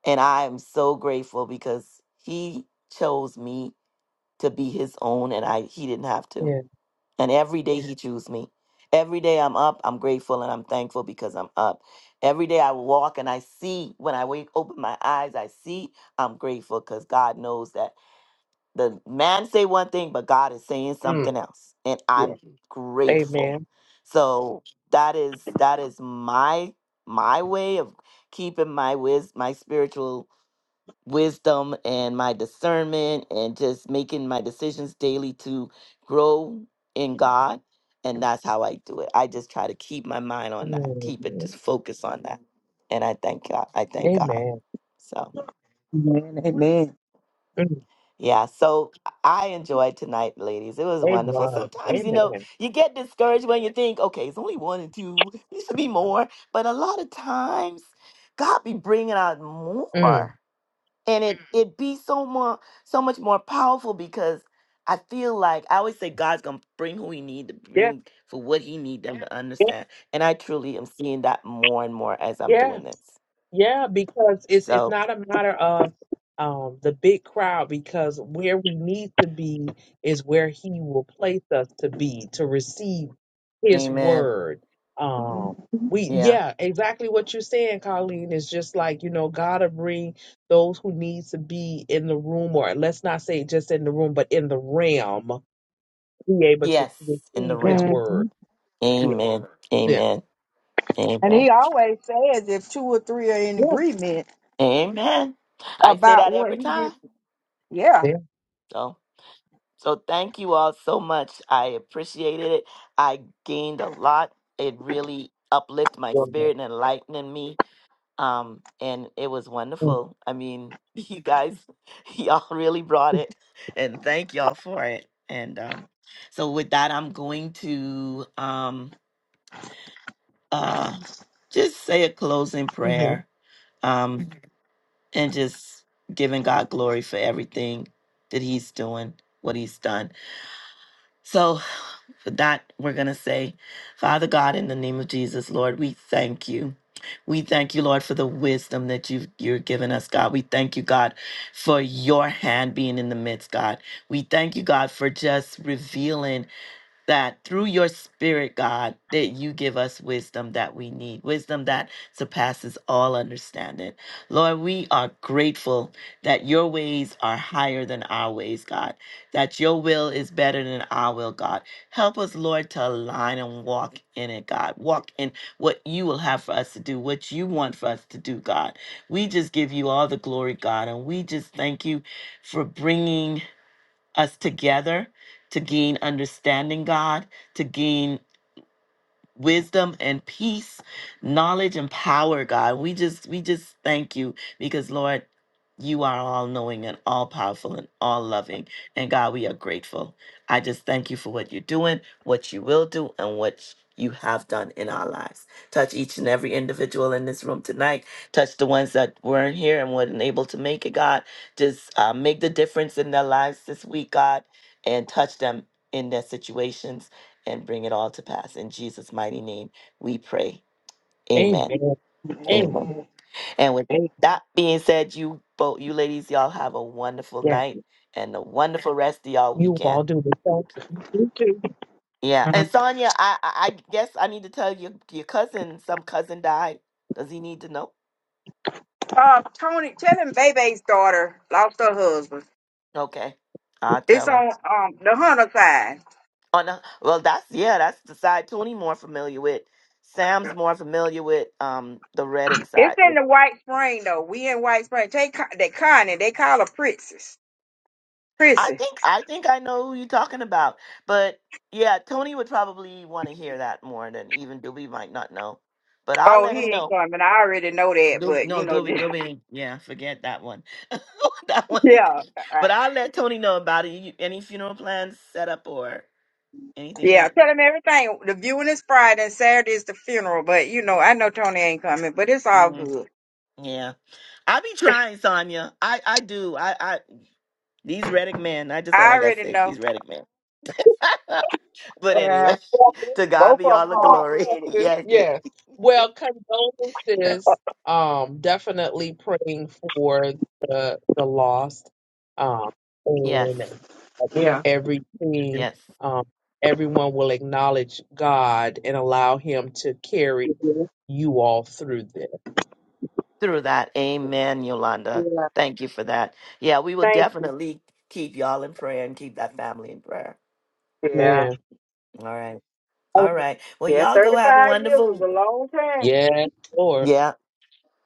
S1: And I am so grateful because He chose me to be His own and I He didn't have to.
S3: Yeah.
S1: And every day he chooses me. Every day I'm up, I'm grateful and I'm thankful because I'm up. Every day I walk and I see, when I wake, open my eyes, I see, I'm grateful because God knows that the man say one thing, but God is saying something
S3: Mm.
S1: else. And I'm
S2: Yeah.
S1: Mhm. grateful.
S3: Amen.
S1: So that is that is my my way of keeping my wis my spiritual wisdom and my discernment and just making my decisions daily to grow in God. And that's how I do it. I just try to keep my mind on that, keep it just
S3: Mm.
S1: focus on that. And I thank God. I thank God.
S3: Amen.
S1: So,
S2: Amen. Amen.
S3: Mm.
S1: yeah. So I enjoyed tonight, ladies. It was wonderful.
S3: Amen.
S1: Sometimes, you know,
S3: Amen.
S1: you get discouraged when you think, okay, it's only one and two, there should be more. But a lot of times, God be bringing out
S3: Mm.
S1: more. and it it be so more so much more powerful because I feel like I always say God's gonna bring who He need to
S3: Yeah.
S1: bring for what He need them to
S3: Yeah.
S1: understand, and I truly am seeing that more and more as I'm
S3: Yeah.
S1: doing this.
S3: Yeah, because it's it's
S1: So,
S3: not a matter of um the big crowd because where we need to be is where he will place us to be to receive his
S1: Amen.
S3: word. Um we
S1: Yeah.
S3: yeah, exactly what you're saying, Colleen, is just like, you know, God to bring those who need to be in the room or let's not say just in the room, but in the realm, be able to
S1: Yes, in the
S3: receive his
S1: realm.
S2: Mhm.
S3: word. Yeah.
S1: Amen.
S3: Yeah.
S1: Amen.
S2: And
S1: Amen.
S2: he always says if two or three are in agreement
S1: Amen. I say
S2: about
S1: that
S2: what
S1: every
S2: he did.
S1: time.
S2: Yeah.
S3: Yeah.
S1: So, so thank you all so much. I appreciated it. I gained a lot. It really uplifted my
S3: yeah.
S1: spirit and enlightened me um and it was
S3: Mm-hmm.
S1: wonderful i mean you guys y'all really brought it and thank y'all for it and um so with that i'm going to um uh just say a closing prayer um Mhm. and just giving god glory for everything that he's doing what he's done So, for that, we're going to say, Father God, in the name of Jesus, Lord, we thank you. We thank you, Lord, for the wisdom that you've, you're giving us, God. We thank you, God, for your hand being in the midst, God. We thank you, God, for just revealing that through your spirit, God, that you give us wisdom that we need, wisdom that surpasses all understanding. Lord, we are grateful that your ways are higher than our ways, God, that your will is better than our will, God. Help us, Lord, to align and walk in it, God. Walk in what you will have for us to do, what you want for us to do, God. We just give you all the glory, God, and we just thank you for bringing us together to gain understanding, God, to gain wisdom and peace, knowledge and power, God. We just we just thank you because Lord, you are all knowing and all powerful and all loving. And God, we are grateful. I just thank you for what you're doing, what you will do, and what you have done in our lives. Touch each and every individual in this room tonight. Touch the ones that weren't here and weren't able to make it, God. Just uh, make the difference in their lives this week, God, and touch them in their situations and bring it all to pass. In Jesus' mighty name, we pray. Amen.
S3: Amen. Amen.
S1: Amen.
S2: Amen.
S1: And with
S2: Hey,
S1: that being said, you both, you ladies, y'all have a wonderful
S3: Yeah.
S1: night and a wonderful rest of y'all
S3: You all
S1: weekend.
S3: do the same.
S2: you too.
S1: Yeah. And Sonia, I, I I guess I need to tell you your cousin, some cousin died. Does he need to know?
S2: Uh, Tony, tell him Bebe's daughter lost her husband.
S1: Okay. I'll
S2: It's
S1: tell him.
S2: on um the hunter side.
S1: Oh no. Well that's yeah, that's the side Tony more familiar with. Sam's more familiar with um the Reddick
S2: It's
S1: side.
S2: in the White Spring though. We in White Spring. They ca- they Connie. They call her Princess.
S1: I
S2: Prissy.
S1: think I think I know who you're talking about. But yeah, Tony would probably want to hear that more than even Doobie might not know. But I'll
S2: Oh,
S1: let him
S2: he ain't
S1: know.
S2: coming. I already know that,
S1: Doob
S2: but you
S1: no,
S2: know,
S1: Doobie,
S2: just,
S1: Doobie, yeah, forget that one. that one. he
S2: yeah,
S1: could-
S2: uh,
S1: But I'll let Tony know about it. You, any funeral plans set up or anything
S2: yeah.
S1: yet?
S2: Tell him everything. The viewing is Friday and Saturday is the funeral. But you know, I know Tony ain't coming, but it's all
S1: Mm,
S2: good.
S1: yeah, I be trying, Sonia. I I do. I I these Reddick men. I just all I
S2: I
S1: gotta
S2: already
S1: say.
S2: know.
S1: These Reddick men. but
S2: Yeah.
S1: anyway, to God
S2: Both
S1: be
S2: of
S1: all
S2: them
S1: the
S2: hard
S1: glory.
S2: headed.
S1: yes,
S3: Yeah. Well, condolences. Um, definitely praying for the the lost. Um,
S1: yes.
S3: and
S2: Yeah.
S3: everything.
S1: Yes,
S3: Um, everyone will acknowledge God and allow Him to carry
S2: Yeah.
S3: you all through this.
S1: through that. Amen, Yolanda.
S2: yeah.
S1: Thank you for that. Yeah, we will
S2: Thank you.
S1: definitely keep y'all in prayer and keep that family in prayer.
S2: Yeah.
S3: Man.
S1: All right.
S3: Oh,
S1: All right. Well,
S2: Yeah.
S1: y'all go have a
S2: 35 years was
S1: wonderful.
S2: a long time.
S3: Yes, Lord.
S1: Yeah.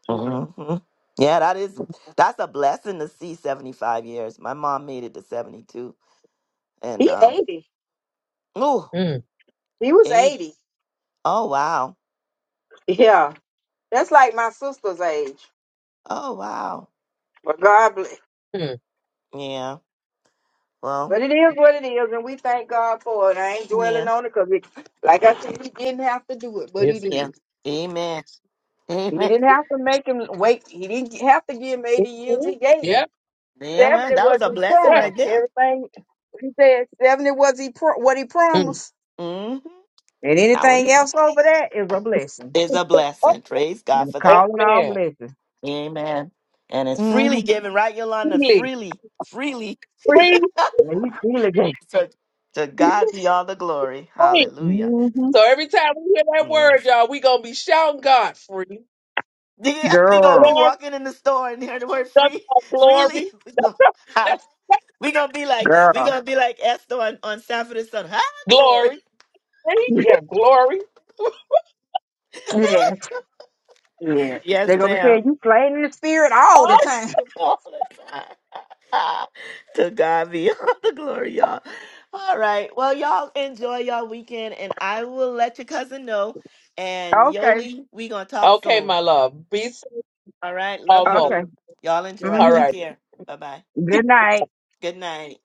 S1: hmm Yeah, that is that's a blessing to see 75 years. My mom made it to 72 and
S2: He
S1: um
S2: 80.
S1: ooh,
S3: Mm,
S2: He was
S1: eight.
S2: 80.
S1: Oh wow.
S2: Yeah. That's like my sister's age.
S1: Oh wow.
S2: But God bless.
S3: mm.
S1: Yeah. Well,
S2: But it is what it is, and we thank God for it. I ain't
S1: yeah.
S2: dwelling on it because, like I said, he didn't have to do it, but he
S3: Yes, He
S1: Yeah.
S2: did.
S1: Amen.
S2: He
S1: Amen.
S2: didn't have to make him wait. He didn't have to give him 80 years.
S3: can.
S2: He gave him.
S3: Yeah.
S1: Amen.
S2: Seventy
S1: That
S2: was
S1: was a
S2: he
S1: blessing
S3: Yeah.
S1: right
S2: promised.
S1: there.
S2: Everything he said, seventy was he pro- what he
S3: Mm.
S2: promised,
S1: hmm
S2: and
S1: Now it
S2: anything
S1: is
S2: else over that is a blessing.
S1: is a
S3: Oh,
S1: blessing. Praise God
S2: And
S1: for that.
S2: call it all
S3: amen.
S2: blessings.
S1: Amen. And it's
S2: Mm-hmm.
S1: freely given, right, Yolanda?
S3: Freely.
S1: Freely, freely.
S2: Preach.
S3: Free,
S2: And he feel again.
S1: So to God be all the glory.
S3: free.
S1: Hallelujah.
S2: Mm-hmm.
S3: So every time we hear that
S1: Yeah.
S3: word, y'all, we gonna be shouting God free.
S1: Yeah, we gonna be
S2: Girl,
S3: Glory,
S1: walking in the store and hear the word
S3: God,
S1: free freely.
S3: glory.
S1: We gonna, holla-
S3: That's that's
S1: we gonna be like we
S2: girl.
S1: gonna be like Esther on, on Sanford and Son. High glory.
S3: glory. Free? Yeah, glory.
S2: Yeah, yeah.
S1: yes,
S2: They gonna be
S1: ma'am.
S2: saying you playing in the spirit all the
S3: Oh,
S2: time.
S1: all the time. to God be all the glory, y'all. All right. Well, y'all enjoy y'all weekend, and I will let your cousin know. And
S2: Okay,
S1: Yoli, we gonna talk
S3: okay,
S1: soon.
S3: my love. Be so
S1: All right. Love you,
S3: humble.
S2: okay.
S1: boo. Y'all enjoy.
S3: all right.
S1: Take
S2: Mm-hmm.
S1: care. Bye bye.
S2: Good night.
S1: Good night.